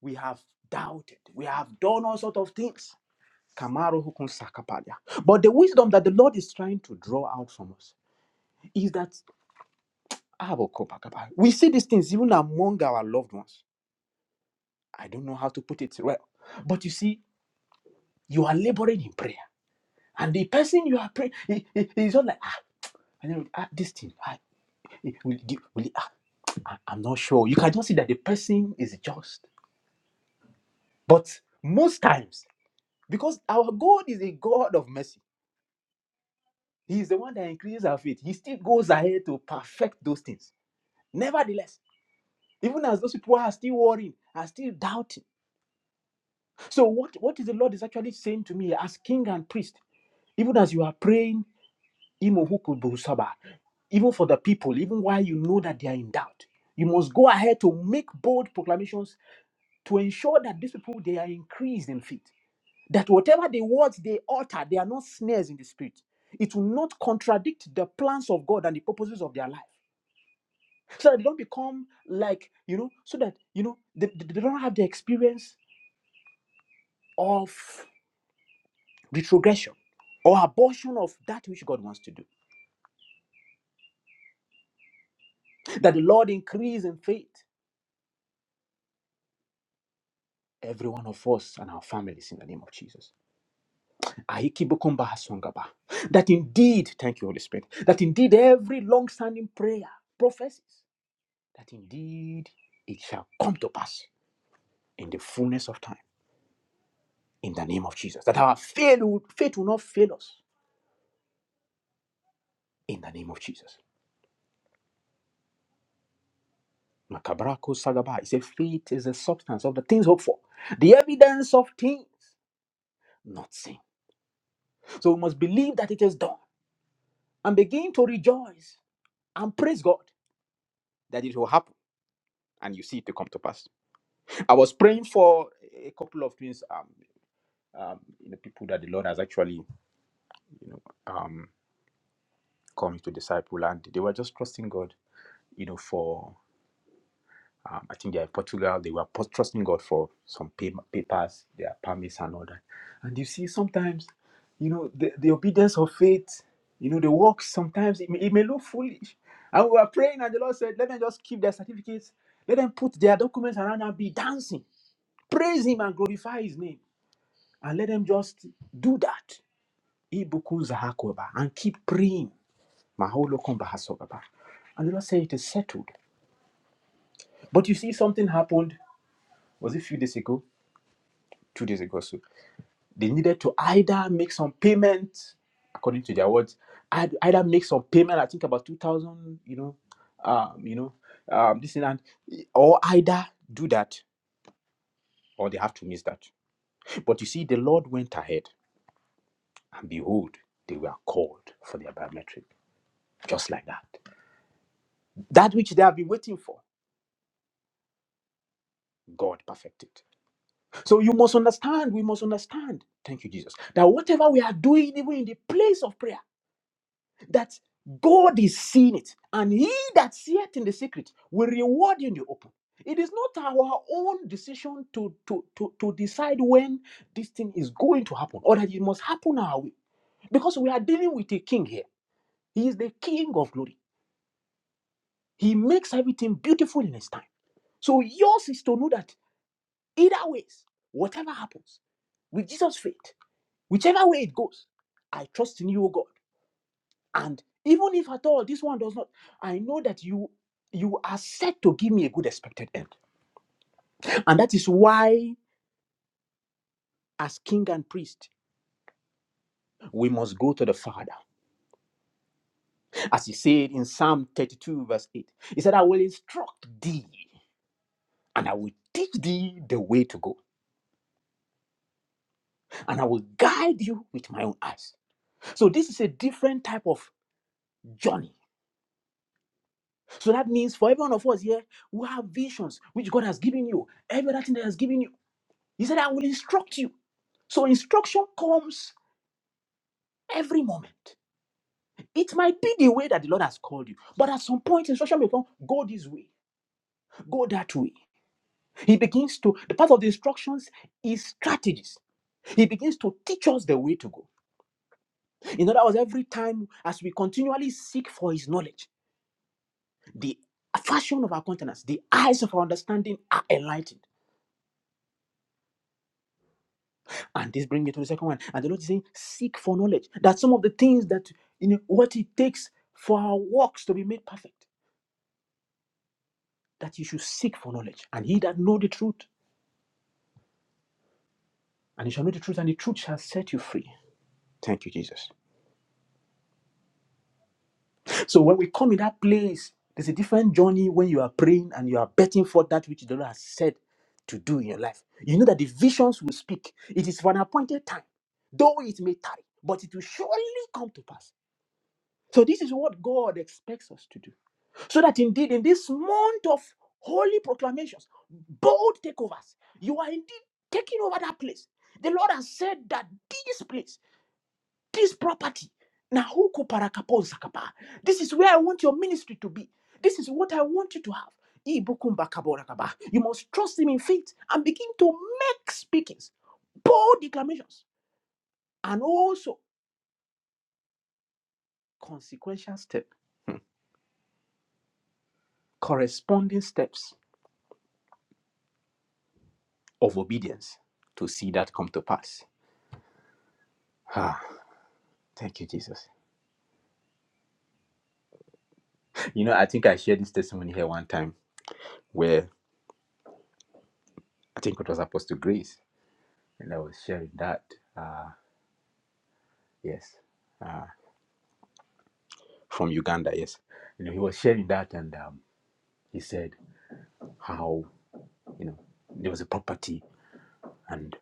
C: we have doubted. We have done all sorts of things. Kamaru hukun sakapadia. But the wisdom that the Lord is trying to draw out from us is that abokobakaba. we see these things even among our loved ones. I don't know how to put it well. But you see, you are laboring in prayer. And the person you are praying is not like, ah, I don't know, ah, this thing, ah, eh, will, will ah, ah, I'm not sure. You can just see that the person is just. But most times, because our God is a God of mercy. He's the one that increases our faith. He still goes ahead to perfect those things. Nevertheless, even as those people are still worrying, are still doubting. So, what, what is the Lord is actually saying to me as king and priest? Even as you are praying, Imohuku Busaba, even for the people, even while you know that they are in doubt, you must go ahead to make bold proclamations to ensure that these people they are increased in faith. That whatever the words they utter, they are not snares in the spirit. It will not contradict the plans of God and the purposes of their life. so that they don't become like you know so that you know they, they don't have the experience of retrogression or abortion of that which god wants to do that the lord increase in faith every one of us and our families in the name of jesus Aikibokomba haswangaba. that indeed thank you holy spirit that indeed every long-standing prayer prophecies that indeed it shall come to pass in the fullness of time in the name of jesus that our faith will, faith will not fail us in the name of jesus Makabrako Sagaba. He said, faith is the substance of the things hoped for, the evidence of things not seen. So we must believe that it is done and begin to rejoice and praise God that it will happen and you see it to come to pass. I was praying for a couple of things, um, um, you know, people that the Lord has actually, you know, um, come to disciple, and they were just trusting God, you know, for. Um, I think they are in Portugal. They were pos- trusting God for some pay- papers, their permits, and all that. And you see, sometimes, you know, the, the obedience of faith, you know, the works, sometimes it may, it may look foolish. And we were praying, and the Lord said, let them just keep their certificates, let them put their documents around and be dancing, praise Him and glorify His name. And let them just do that. Ibukun zahakoba, And keep praying. Maholo komba And the Lord said, it is settled. But you see, something happened, was it a few days ago? two days ago. So they needed to either make some payment, according to their words, either make some payment. I think about two thousand, you know, um, you know, um, this and that, or either do that or they have to miss that. But you see, the Lord went ahead, and behold, they were called for their biometric, just like that. That which they have been waiting for, God perfected. So you must understand. We must understand. Thank you, Jesus. That whatever we are doing, even in the place of prayer. that God is seeing it, and he that seeth in the secret will reward you in the open. It is not our own decision to, to, to, to decide when this thing is going to happen or that it must happen our way. Because we are dealing with a king here. He is the king of glory. He makes everything beautiful in his time. So yours is to know that either ways, whatever happens, with Jesus' faith, whichever way it goes, I trust in you, O God. And even if at all this one does not, I know that you you are set to give me a good expected end. And that is why, as king and priest, we must go to the Father. As he said in Psalm 32, verse 8, he said, I will instruct thee and I will teach thee the way to go, and I will guide you with my own eyes. So this is a different type of journey. So that means for every one of us here, we have visions which God has given you, everything that He has given you. He said, I will instruct you. So instruction comes every moment. It might be the way that the Lord has called you, but at some point, instruction may come go this way, go that way. He begins to, the part of the instructions is strategies. He begins to teach us the way to go. In other words, every time as we continually seek for His knowledge, the fashion of our countenance, the eyes of our understanding are enlightened And this brings me to the second one. And the Lord is saying, seek for knowledge. That some of the things that you know what it takes for our works to be made perfect, that you should seek for knowledge. And he that know the truth, and he shall know the truth, and the truth shall set you free. Thank you, Jesus. So when we come in that place, there's a different journey when you are praying and you are betting for that which the Lord has said to do in your life. You know that the visions will speak. It is for an appointed time, though it may tarry, but it will surely come to pass. So this is what God expects us to do. So that indeed, in this month of holy proclamations, bold takeovers, you are indeed taking over that place. The Lord has said that this place, this property, Nahuku Parakapon Sakapa, this is where I want your ministry to be. This is what I want you to have. Ibukumba kaborakaba. You must trust Him in faith and begin to make speakings, bold declamations, and also consequential steps, corresponding steps of obedience to see that come to pass. Ah, thank you, Jesus. You know, I think I shared this testimony here one time where I think it was Apostle Grace, and I was sharing that. Uh, yes, uh, from Uganda. Yes, you know, he was sharing that, and um, he said how you know there was a property, and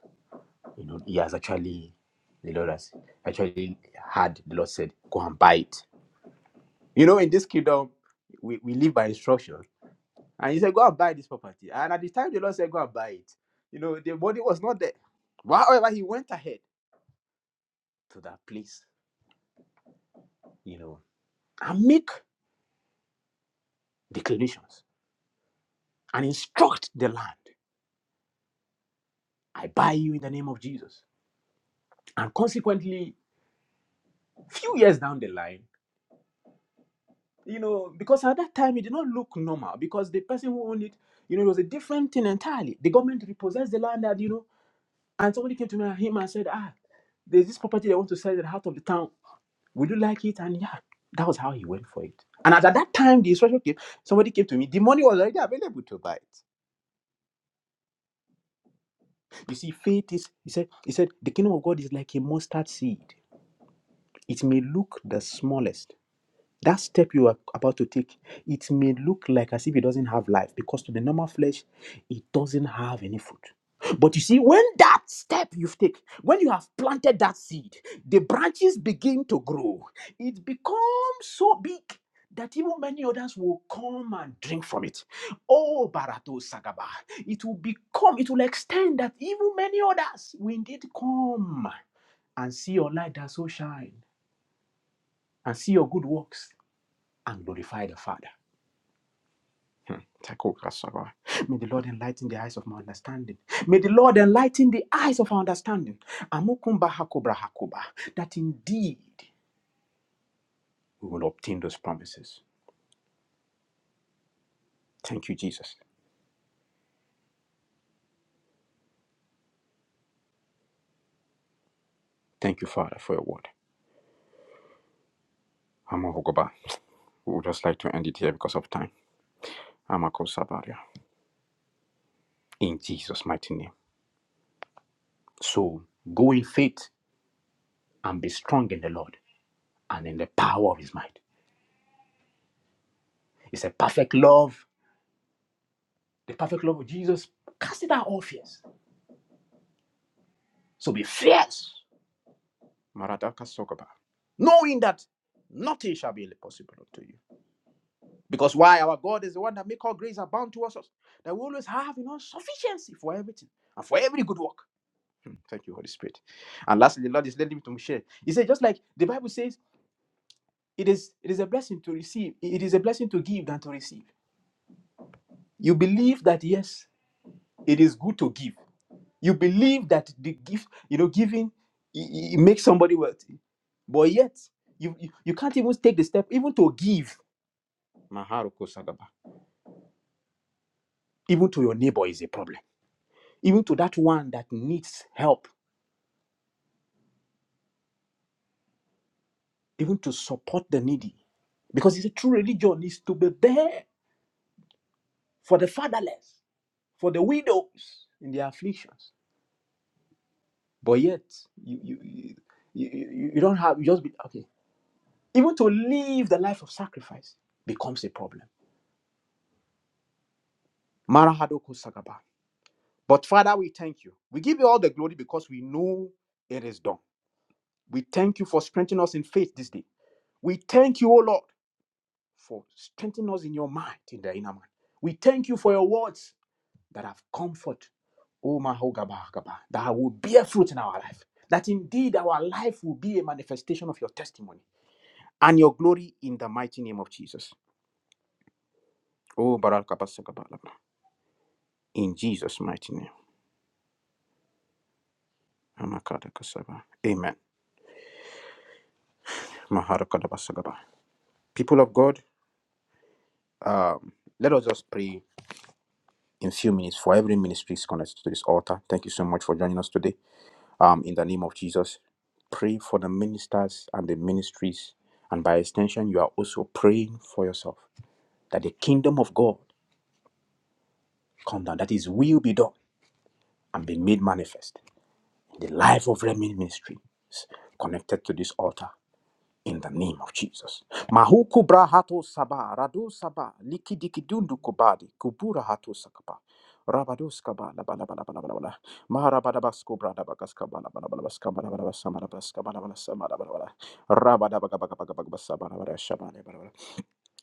C: you know he has actually the Lord has actually had the Lord said go and buy it. You know, in this kingdom, we, we live by instruction. And he said, Go and buy this property. And at the time, the Lord said, Go and buy it. You know, the body was not there. However, he went ahead to that place, you know, and make declarations and instruct the land. I buy you in the name of Jesus. And consequently, few years down the line, you know, because at that time it did not look normal because the person who owned it, you know, it was a different thing entirely. The government repossessed the land that, you know, and somebody came to me and him and said, Ah, there's this property they want to sell in the heart of the town Would you like it? And yeah, that was how he went for it. And at, at that time, the instruction came. Somebody came to me. The money was already available to buy it. You see, faith is. He said. He said the kingdom of God is like a mustard seed. It may look the smallest, that step you are about to take, it may look like as if it doesn't have life because to the normal flesh, it doesn't have any fruit. But you see, when that step you've taken, when you have planted that seed, the branches begin to grow. It becomes so big that even many others will come and drink from it. Oh, Barato Sagaba, it will become, it will extend that even many others will indeed come and see your light that so shine and see your good works and glorify the Father. Hmm. Tako kasaba. May the Lord enlighten the eyes of my understanding. May the Lord enlighten the eyes of our understanding. Amukumba hakoba. That indeed we will obtain those promises. Thank you, Jesus. Thank you, Father, for your word. Amahogoba. We would just like to end it here because of time. Amakosabaria. In Jesus' mighty name. So go in faith and be strong in the Lord and in the power of his might. It's a perfect love. The perfect love of Jesus. Cast it out all fears. So be fierce, Marataka Sokaba, knowing that nothing shall be impossible unto you. Because why our God is the one that make all grace abound towards us, that we always have you know sufficiency for everything and for every good work. Mm, Thank you, Holy Spirit. And lastly, the Lord is leading me to share. He said, just like the Bible says, it is it is a blessing to receive. It is a blessing to give than to receive. You believe that yes, it is good to give You believe that the gift, you know, giving it, it makes somebody wealthy, but yet you, you you can't even take the step even to give. Maharuko Sagaba. Even to your neighbor is a problem. Even to that one that needs help. Even to support the needy, because it's a true religion is to be there for the fatherless, for the widows in their afflictions. But yet you you you, you, you you don't have you just be okay. Even to live the life of sacrifice becomes a problem Marahado Kosakaba. But Father, we thank you. We give you all the glory because we know it is done. We thank you for strengthening us in faith this day. We thank you, O Lord, for strengthening us in your mind, in the inner man. We thank you for your words that have comfort, O Mahogaba, Gaba, that will bear fruit in our life. That indeed our life will be a manifestation of your testimony and your glory in the mighty name of Jesus. Oh, Barakabasakabala. In Jesus' mighty name. Amen. Maharakadabasagaba. People of God, um, let us just pray in few minutes for every ministry is connected to this altar. Thank you so much for joining us today. Um, in the name of Jesus, pray for the ministers and the ministries, and by extension, you are also praying for yourself that the kingdom of God come down, that His will be done and be made manifest in the life of every ministry connected to this altar. in the name of Jesus. Mahuku brahato saba, radu saba, likidikidundu kubadi, kubura hatu sakaba. Rabados kaba, laba laba laba laba laba. Maharabadabas kubra dabakas kaba, laba laba labas kaba, laba labas sama labas kaba, laba labas sama laba laba. Rabadabagabagabagabas saba, laba laba shaba,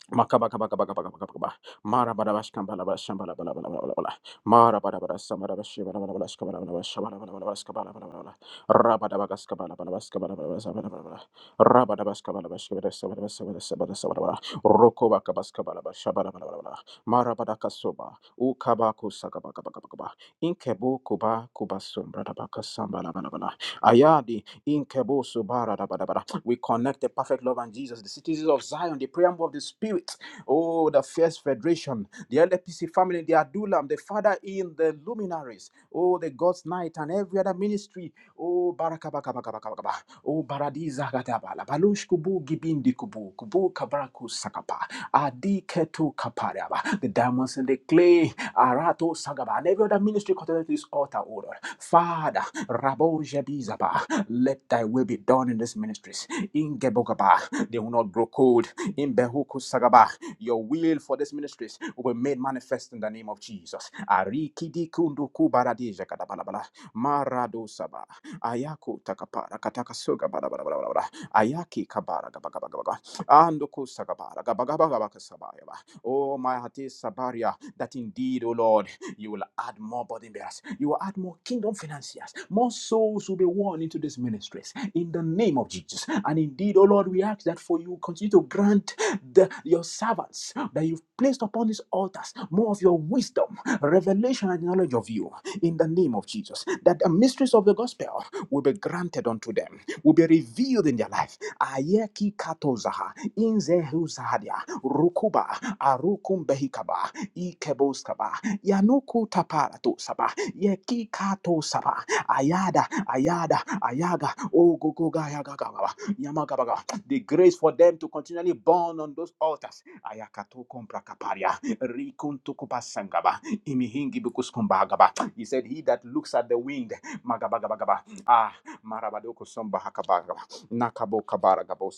C: Makaba kaba kaba kaba kaba kaba kaba. Mara bara bash kamba la bash kamba la bala la bala la la. Mara bara bara samara la bash bala bala bala bash kamba la bala bash bala bala bala bash kamba la bala bala. Raba da bagas kamba la bala bash kamba la bala bash bala bala bala. Raba da bash kamba la bash kamba la sama la sama la bara bara sama la bala. Roko ba kabas kamba la bash bala bala bala bala. Mara bara kasoba. U kaba kusa kaba kaba kaba kaba. Inkebo kuba kuba sombra da bagas kamba la bala bala. Ayadi inkebo subara da bara bala. We connect the perfect love and Jesus, the citizens of Zion, the preamble of the Spirit. Oh, the First Federation, the LPC family, the Adulam, the Father in the luminaries. Oh, the God's Night and every other ministry. Oh, Barakabakabakabakaba. Oh, Baradiza Gadabala. Balush Kubu Gibindi Kubu. Kubu Kabaraku Sakapa. Adi Ketu Kapariaba. The diamonds and the clay. Arato Sagaba. And every other ministry connected to this altar order. Father, Rabo Jebizaba. Let thy will be done in this ministry. In Ingebogaba, they will not grow cold. In Behuku Sagaba, your will for this ministries will be made manifest in the name of Jesus. Arikidikunduku baradija kadabalabala. Marado saba. Ayako takapara kataka soga badabadabadabada. Ayaki kabara gabagabagaba. Andoku sagabara gabagabagabaka sabayaba. Oh, my heart is sabaria, that indeed, O Lord. You will add more burden bearers. You will add more kingdom financiers. More souls will be won into these ministries in the name of Jesus. And indeed, oh Lord, we ask that for you continue to grant the, your servants that you've placed upon these altars more of your wisdom, revelation, and knowledge of you in the name of Jesus. That the mysteries of the gospel will be granted unto them, will be revealed in their life. Ayeki katozaha, inzehuzahadia, rukuba, arukumbehikaba, Yanukuta parato saba. Yekikato saba. Ayada, ayada, ayaga. Oh, go, go, ga, ya, ga, ga, Yamagabaga. The grace for them to continually burn on those altars. Ayakato kompra kaparia. Rikuntu kupasangaba. Imihingi bukuskumbagaba. He said, He that looks at the wind. Magabagabagaba. Ah, marabadoko somba hakabagaba. Nakabo kabara gabo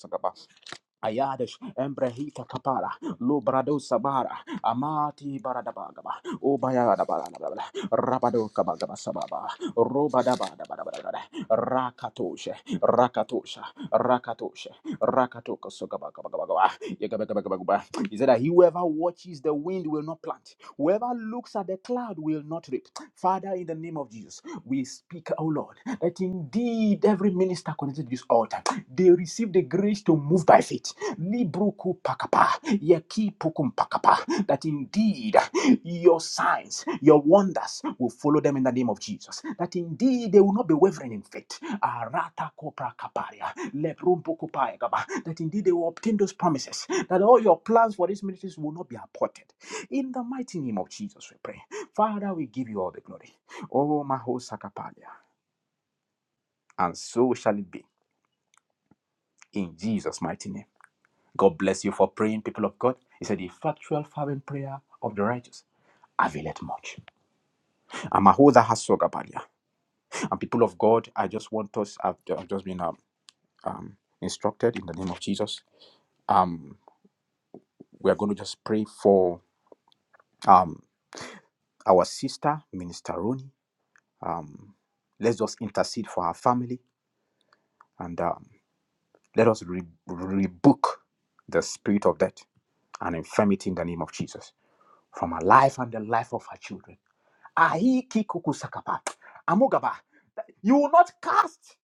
C: Ayadesh Embrehita Kapara Lubrado Sabara Amati Baradabagaba Ubayadabala Rabado Kabagaba Sababa Rubadabadabadabada Rakatoshe Rakatosha Rakatoshe Rakatoka Sogabagabagaba Yagabagabagaba He said that whoever watches the wind will not plant whoever looks at the cloud will not reap Father in the name of Jesus we speak O Lord that indeed every minister connected to this altar they receive the grace to move by faith Libruku pakapa, yeki pukum pakapa, that indeed your signs, your wonders will follow them in the name of Jesus. That indeed they will not be wavering in faith. Arata kopra kaparia, lebrum puku gaba, That indeed they will obtain those promises. That all your plans for these ministries will not be aborted. In the mighty name of Jesus, we pray. Father, we give you all the glory. Oh, Maho Sakapalia. And so shall it be. In Jesus' mighty name. God bless you for praying, people of God. He said, The effectual fervent prayer of the righteous availeth much. I'm Ahoda Hasogabalia. And people of God, I just want us, I've, I've just been um, um, instructed in the name of Jesus. Um, we are going to just pray for um, our sister, Minister Roni. Um, let's just intercede for her family and um, let us re- rebuke the spirit of death and infirmity in the name of Jesus from her life and the life of her children. Ahi kikukusakapa. Amugaba. You will not cast.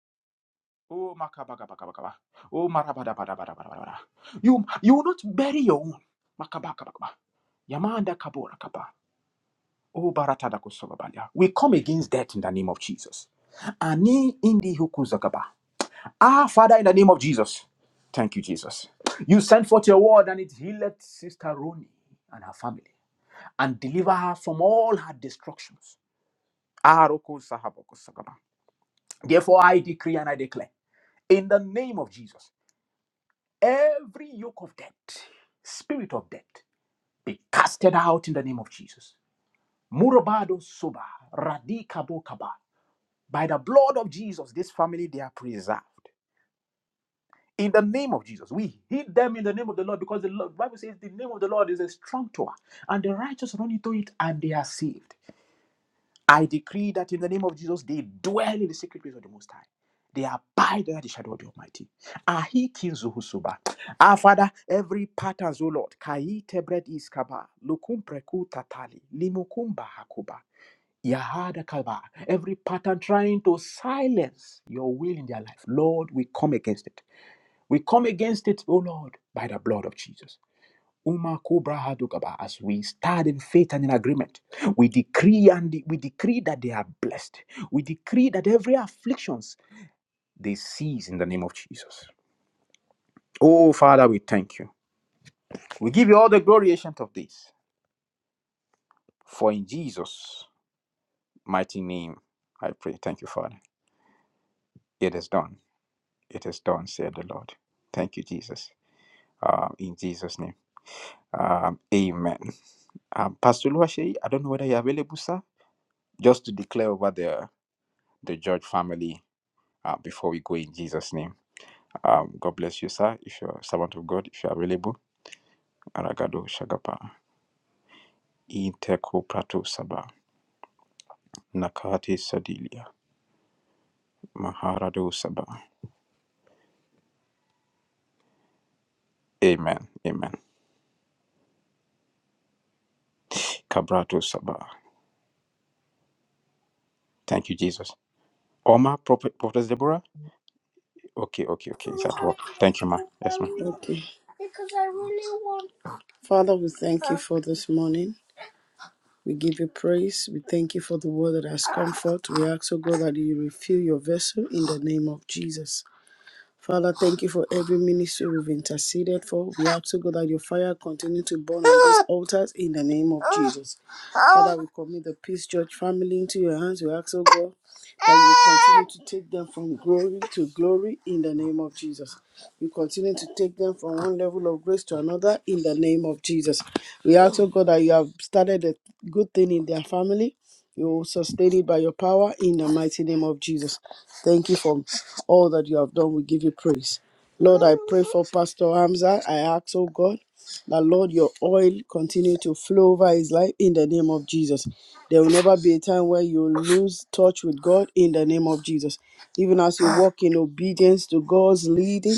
C: Oh makabagabagabagaba. Oh marabadabadabadabadabada. You you will not bury your own. Makabakabakaba. Yamanda kabora kapa. Oh baratada kusobabalia. We come against that in the name of Jesus. Ani indi hukuzakaba. Ah, Father, in the name of Jesus. Thank you, Jesus. You sent forth your word and it healed Sister Roni and her family and deliver her from all her destructions. Ah, Roko Sahaboko Sakaba. Therefore, I decree and I declare in the name of Jesus, every yoke of death, spirit of death, be casted out in the name of Jesus. Murabado soba, radikabo kaba. By the blood of Jesus, this family they are preserved. In the name of Jesus, we hid them in the name of the Lord because the Lord- Bible says the name of the Lord is a strong tower, and the righteous run into it and they are saved. I decree that in the name of Jesus, they dwell in the secret place of the Most High. They abide under the shadow of the Almighty. Ahi kinzuhusuba. Ah, Father, every pattern, O Lord, kai tebred iskaba, lukum preku tatali, limukumba hakuba, yahada kalba. Every pattern trying to silence your will in their life, Lord, we come against it. We come against it, O Lord, by the blood of Jesus. Uma Kobra Hadugaba, As we stand in faith and in agreement, we decree and we decree that they are blessed. We decree that every afflictions they cease in the name of Jesus. Oh Father, we thank you. We give you all the glory ancient of this. For in Jesus' mighty name I pray. Thank you, Father. It is done. It is done, said the Lord. Thank you, Jesus. Uh, in Jesus' name. Um, amen. Um, Pastor Luashe, I don't know whether you're available, sir, just to declare over the the George family uh, before we go in Jesus' name. Um, God bless you, sir. If you're a servant of God, if you're available, Aragado Shagapa, Inteko Prato Saba, Nakate Sadilia, Maharado Saba. Amen. Amen. Cabrato Saba. Thank you, Jesus. Oma, Prophet, Prophetess Deborah? Okay, okay, okay. Is at work? Thank you, ma. Yes, ma.
D: Okay. Because I really want. Father, we thank you for this morning. We give you praise. We thank you for the word that has come forth. We ask, O God, that you refill your vessel in the name of Jesus. Father, thank you for every ministry we've interceded for. We ask to God that your fire continue to burn on these altars in the name of Jesus. Father, we commit the Peace Church family into your hands. We ask, oh God, that you continue to take them from glory to glory in the name of Jesus. You continue to take them from one level of grace to another in the name of Jesus. We ask, oh God, that you have started a good thing in their family. You sustain it by your power in the mighty name of Jesus. Thank you for all that you have done. We give you praise. Lord, I pray for Pastor Hamza. I ask, oh God. That Lord, your oil continue to flow over his life in the name of Jesus. There will never be a time where you lose touch with God in the name of Jesus. Even as you walk in obedience to God's leading,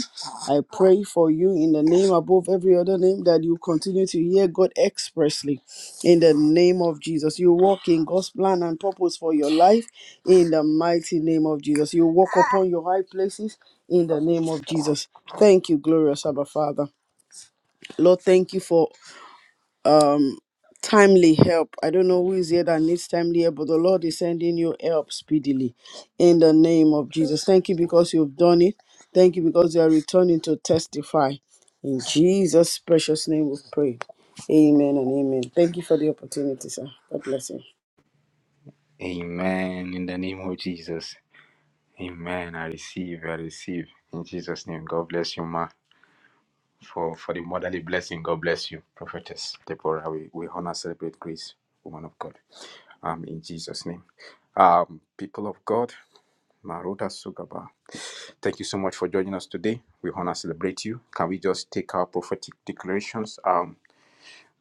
D: I pray for you in the name above every other name that you continue to hear God expressly in the name of Jesus. You walk in God's plan and purpose for your life in the mighty name of Jesus. You walk upon your high places in the name of Jesus. Thank you, glorious Abba Father. Lord, thank you for um timely help. I don't know who is here that needs timely help, but the Lord is sending you help speedily in the name of Jesus. Thank you because you've done it. Thank you because you are returning to testify. In Jesus' precious name we pray. Amen and amen. Thank you for the opportunity, sir. God bless you.
C: Amen. In the name of Jesus. Amen. I receive, I receive. In Jesus' name. God bless you, ma. for, for the motherly blessing. God bless you, prophetess Deborah. We, we honor, celebrate grace, woman of God, um, in Jesus' name. Um, people of God, Maruta Sugaba, thank you so much for joining us today. We honor, celebrate you. Can we just take our prophetic declarations um,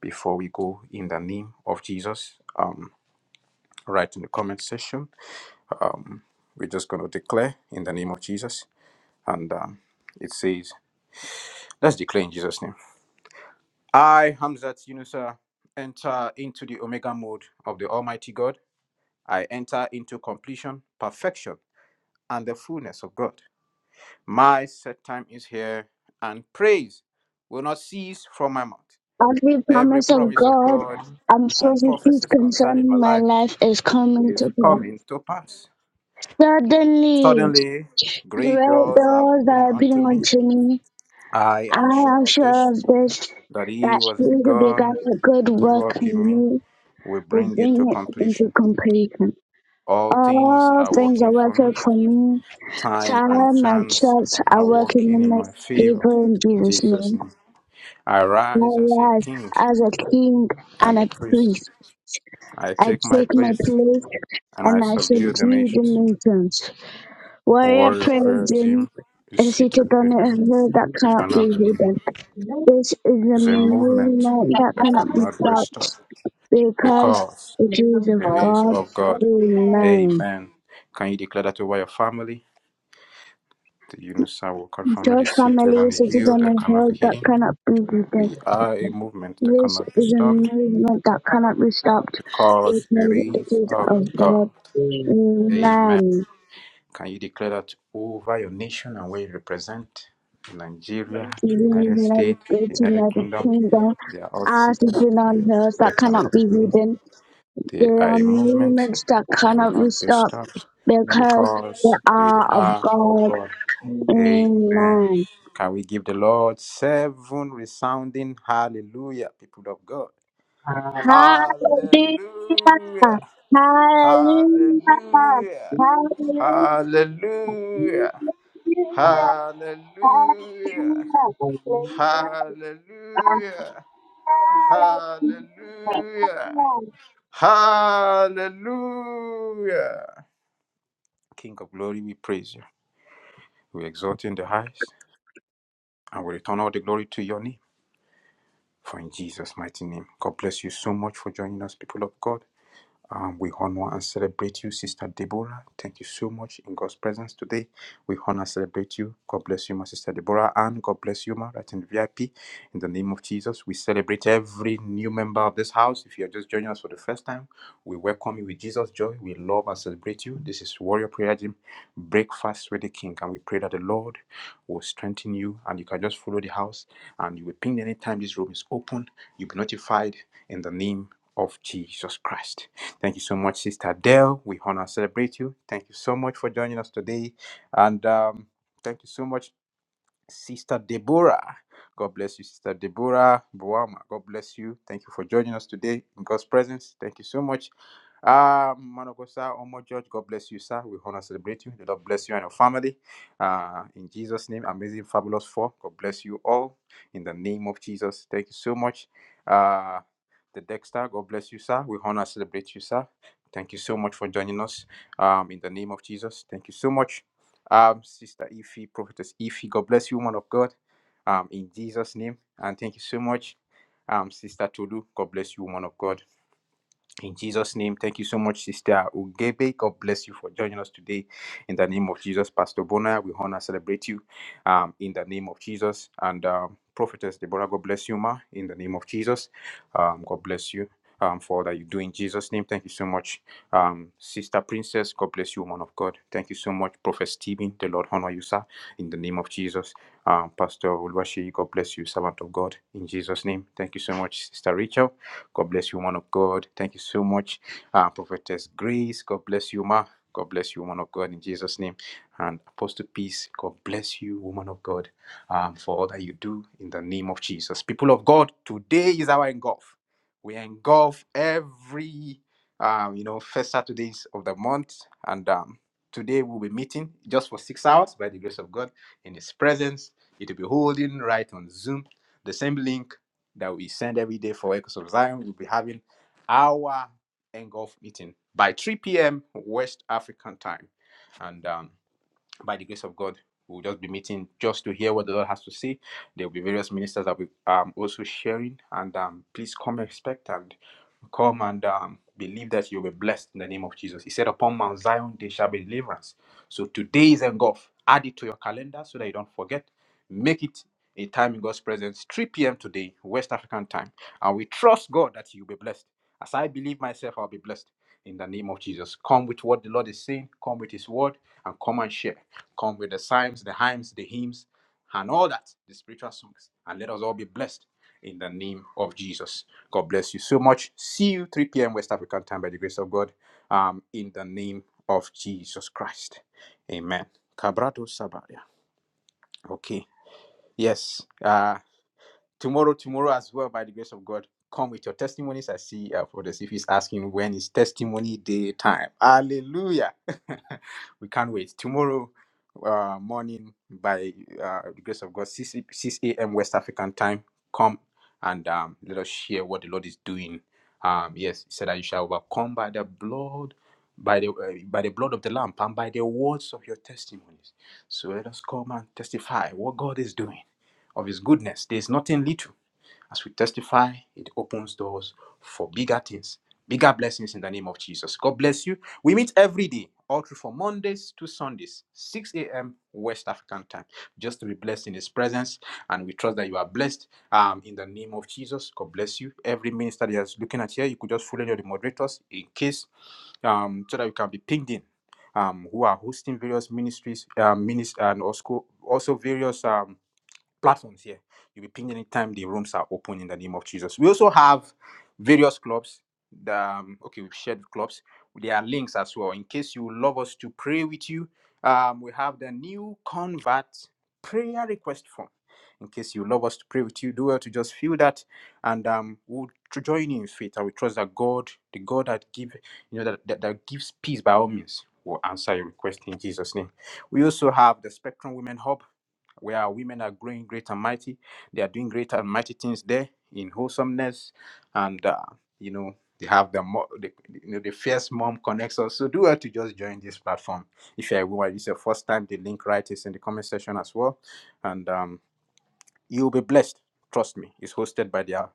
C: before we go in the name of Jesus? Um, right in the comment section. Um, we're just going to declare in the name of Jesus. And um, it says, let's declare in Jesus' name. I, Hamzat Yunusa, enter into the Omega mode of the Almighty God. I enter into completion, perfection, and the fullness of God. My set time is here, and praise will not cease from my mouth.
B: Every
C: Every
B: promise of
C: promise of
B: God
C: God
B: and
C: and
B: prophecies
C: prophecies concerning my
B: concerning my
C: life
B: life is coming
C: is
B: to pass.
C: coming to pass.
B: Suddenly,
C: Suddenly, great
B: great
C: doors are
B: doors
C: opening
B: are
C: unto
B: opening
C: me.
B: unto me.
C: I
B: I
C: am sure
B: am
C: of
B: sure
C: this,
B: of this,
C: that he
B: that he
C: was
B: who began
C: begun,
B: a good
C: good
B: work
C: work
B: in
C: in me,
B: me
C: will
B: will
C: bring it to
B: bring it into
C: completion.
B: completion.
C: All things
B: All
C: are
B: things are
C: working for
B: working
C: me.
B: for me.
C: Time and
B: Time and
C: chance
B: church are
C: are
B: working
C: working
B: in
C: in
B: my
C: my favor.
B: favor in
C: In
B: Jesus'
C: Jesus'
B: name.
C: name. I
B: I
C: rise as a
B: rise
C: king
B: as a king
C: and
B: and
C: a
B: a
C: priest.
B: priest.
C: I
B: I
C: take my
B: take my
C: place
B: place
C: and I
B: and I
C: subdue the
B: subdue the
C: nations.
B: nations. Warrior
C: Warrior Prayer
B: praise him
C: Gym is
B: is seated
C: seated on
B: on
C: a
B: a
C: hill
B: hill that
C: that
B: cannot be
C: cannot be hidden.
B: hidden. This is a
C: It's a movement
B: movement that
C: that
B: cannot be
C: cannot be
B: stopped
C: stopped
B: because
C: because
B: it is of
C: it is
B: God.
C: of God.
B: Amen.
C: Amen. Can you declare that over your family? The Unisawa God family
B: George
C: is seated
B: family
C: on a
B: is a
C: hill that
B: citizen
C: cannot be
B: held that
C: hidden.
B: cannot be defeated.
C: We are a movement that
B: This
C: cannot be
B: is a
C: stopped
B: movement that cannot be stopped
C: because it
B: because it
C: is
B: is
C: of
B: of
C: God.
B: God Amen.
C: Amen. Can you declare that over your nation and where you represent? Nigeria,
B: in
C: United
B: the United
C: States,
B: States,
C: United
B: United
C: Kingdom,
B: Kingdom
C: they are all
B: are
C: seated on
B: sitting
C: the
B: on
C: hills
B: hills that
C: that cannot
B: cannot be
C: be hidden.
B: hidden.
C: They
B: There
C: are
B: are
C: a movement
B: movements that cannot be
C: cannot be
B: stopped
C: stopped
B: because they
C: because they
B: are of
C: are of
B: God
C: God.
B: Amen.
C: Amen. Can we give the Lord seven resounding hallelujah, people of God?
B: Hallelujah!
C: Hallelujah.
B: Hallelujah!
C: Hallelujah.
B: Hallelujah!
C: Hallelujah.
B: Hallelujah.
C: Hallelujah.
B: Hallelujah.
C: Hallelujah. Hallelujah.
B: Hallelujah.
C: Hallelujah. King of glory, we praise you. We exalt you in the highest and we return all the glory to your name. For in Jesus' mighty name, God bless you so much for joining us, people of God. Um, we honor and celebrate you, Sister Deborah. Thank you so much in God's presence today. We honor and celebrate you. God bless you, my Sister Deborah, and God bless you, ma, right in the VIP. In the name of Jesus, we celebrate every new member of this house. If you are just joining us for the first time, we welcome you with Jesus' joy. We love and celebrate you. This is Warrior Prayer Gym Breakfast with the King, and we pray that the Lord will strengthen you. And you can just follow the house, and you will ping anytime this room is open. You'll be notified in the name of Jesus Christ. Thank you so much, Sister Dell. We honor and celebrate you. Thank you so much for joining us today. And um, thank you so much Sister Deborah. God bless you, Sister Deborah Boama, God bless you. Thank you for joining us today in God's presence. Thank you so much. Uh, Manokosa, Omo George, God bless you, sir. We honor celebrate you. The Lord bless you and your family. Uh, in Jesus' name, amazing, fabulous four. God bless you all in the name of Jesus. Thank you so much. Uh, the Dexter, God bless you, sir. We honor celebrate you, sir. Thank you so much for joining us. Um, in the name of Jesus, thank you so much um, Sister Ify, Prophetess Ify. God bless you, woman of God, um, in Jesus' name. And thank you so much, um, Sister Tolu. God bless you, woman of God. In Jesus' name, thank you so much, Sister Ugebe. God bless you for joining us today. In the name of Jesus, Pastor Bona, we honor, and celebrate you um, in the name of Jesus. And um, Prophetess Deborah, God bless you, Ma, in the name of Jesus. Um, God bless you um, for all that you do in Jesus' name. Thank you so much, um, Sister Princess. God bless you, woman of God. Thank you so much, Prophet Stephen. The Lord honor you, sir, in the name of Jesus. Um, Pastor Ulwashi, God bless you, servant of God, in Jesus' name. Thank you so much, Sister Rachel. God bless you, man of God. Thank you so much, uh, Prophetess Grace. God bless you, ma. God bless you, woman of God, in Jesus' name. And Apostle Peace, God bless you, woman of God, um, for all that you do in the name of Jesus. People of God, today is our engulf. We engulf every, um, you know, first Saturdays of the month. And um, today we'll be meeting just for six hours by the grace of God in His presence. It will be holding right on Zoom. The same link that we send every day for Echoes of Zion. We'll be having our engulf meeting by 3 p.m. West African time. And um, by the grace of God, we'll just be meeting just to hear what the Lord has to say. There will be various ministers that we um also sharing, and um, please come expect and come and um, believe that you'll be blessed in the name of Jesus. He said, "Upon Mount Zion there shall be deliverance." So today is engulf. Add it to your calendar so that you don't forget. Make it a time in God's presence, 3 p.m. today, West African time, and we trust God that you'll be blessed. As I believe myself, I'll be blessed in the name of Jesus. Come with what the Lord is saying, come with His word, and come and share. Come with the psalms, the hymns, the hymns, and all that, the spiritual songs. And let us all be blessed in the name of Jesus. God bless you so much. See you 3 p.m. West African time by the grace of God, um, in the name of Jesus Christ. Amen. Cabrato Sabaria. Okay. Yes. Uh tomorrow, tomorrow as well, by the grace of God, come with your testimonies. I see uh, for this. If he's asking when is testimony day time, hallelujah! (laughs) we can't wait. Tomorrow uh, morning, by uh, the grace of God, 6, a.m. West African time, come and um, let us share what the Lord is doing. Um, yes, he said that you shall overcome by the blood. By the uh, by the blood of the lamb and by the words of your testimonies, so let us come and testify what God is doing of His goodness. There is nothing little as we testify, it opens doors for bigger things, bigger blessings in the name of Jesus. God bless you. We meet every day, all through from Mondays to Sundays, 6 a.m. West African time, just to be blessed in His presence. And we trust that you are blessed um, in the name of Jesus. God bless you. Every minister that is looking at here, you could just follow any of moderators in case um, so that you can be pinged in um, who are hosting various ministries, um, minis- and also, also various um platforms here. You'll be pinged anytime the rooms are open in the name of Jesus. We also have various clubs. The, um, okay, we've shared clubs. There are links as well in case you would love us to pray with you. Um, we have the new convert prayer request form. In case you love us to pray with you, do well to just fill that, and um, we'll to join you in faith. I will trust that God, the God that give, you know, that, that, that gives peace by all means, will answer your request in Jesus' name. We also have the Spectrum Women Hub where our women are growing great and mighty. They are doing great and mighty things there in wholesomeness, and uh, you know they have the, mo- the you know the fierce mom connection. So do well to just join this platform if you are a woman. This your first time. The link right is in the comment section as well, and um, You'll be blessed. Trust me. It's hosted by their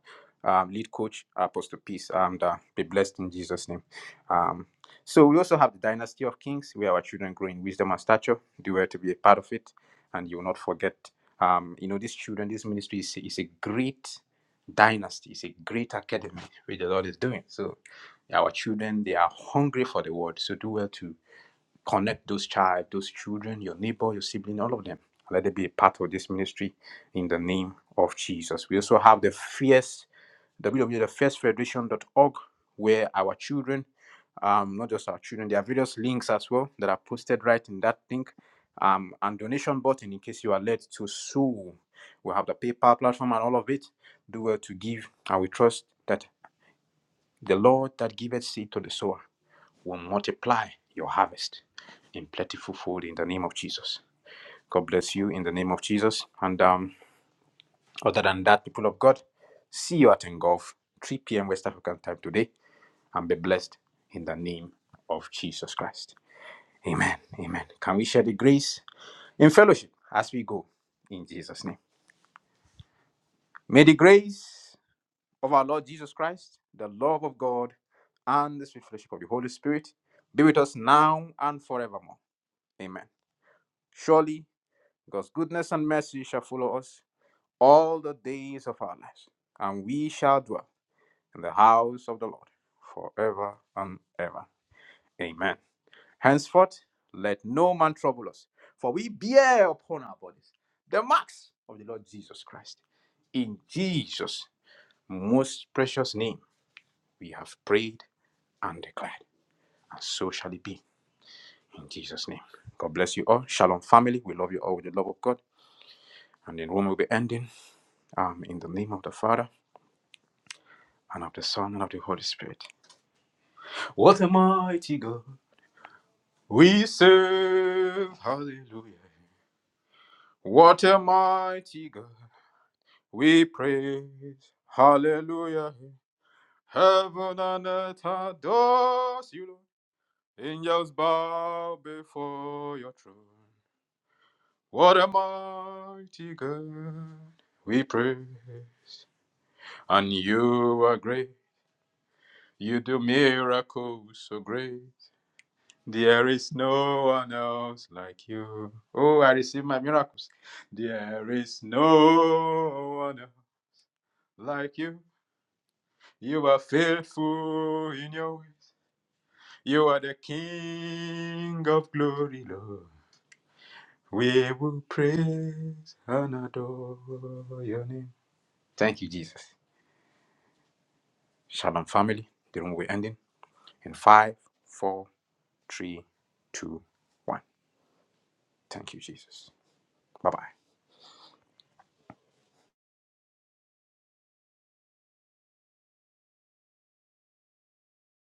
C: um, lead coach, Apostle Peace, and uh, be blessed in Jesus' name. Um, so we also have the Dynasty of Kings, where our children grow in wisdom and stature. They were to be a part of it, and you will not forget. Um, you know, these children, this ministry is, is a great dynasty. It's a great academy which the Lord is doing. So our children, they are hungry for the word. So do well to Connect those child, those children, your neighbor, your sibling, all of them. Let it be a part of this ministry in the name of Jesus. We also have the fierce w w w dot fierce federation dot org, where our children, um, not just our children, there are various links as well that are posted right in that link. Um, and donation button in case you are led to sow. We have the PayPal platform and all of it. Do well to give, and we trust that the Lord that giveth seed to the sower will multiply your harvest in plentiful fold in the name of Jesus. God bless you in the name of Jesus. And um, other than that, people of God, see you at Engulf, 3 p.m. West African time today, and be blessed in the name of Jesus Christ. Amen. Amen. Can we share the grace in fellowship as we go in Jesus' name? May the grace of our Lord Jesus Christ, the love of God, and the sweet fellowship of the Holy Spirit be with us now and forevermore. Amen. Surely God's goodness and mercy shall follow us all the days of our lives, and we shall dwell in the house of the Lord forever and ever. Amen. Henceforth, let no man trouble us, for we bear upon our bodies the marks of the Lord Jesus Christ. In Jesus' most precious name, we have prayed and declared, and so shall it be. In Jesus' name. God bless you all. Shalom, family. We love you all with the love of God. And in Rome, we'll be ending. Um, in the name of the Father, and of the Son, and of the Holy Spirit. What a mighty God we serve. Hallelujah. What a mighty God we praise. Hallelujah. Heaven and earth adores you, Lord. Angels bow before your throne. What a mighty God we praise. And you are great. You do miracles so great. There is no one else like you. Oh, I receive my miracles. There is no one else like you. You are faithful in your ways. You are the King of glory, Lord. We will praise and adore your name. Thank you, Jesus. Shalom, family. The room will be ending in five, four, three, two, one. Thank you, Jesus. Bye bye.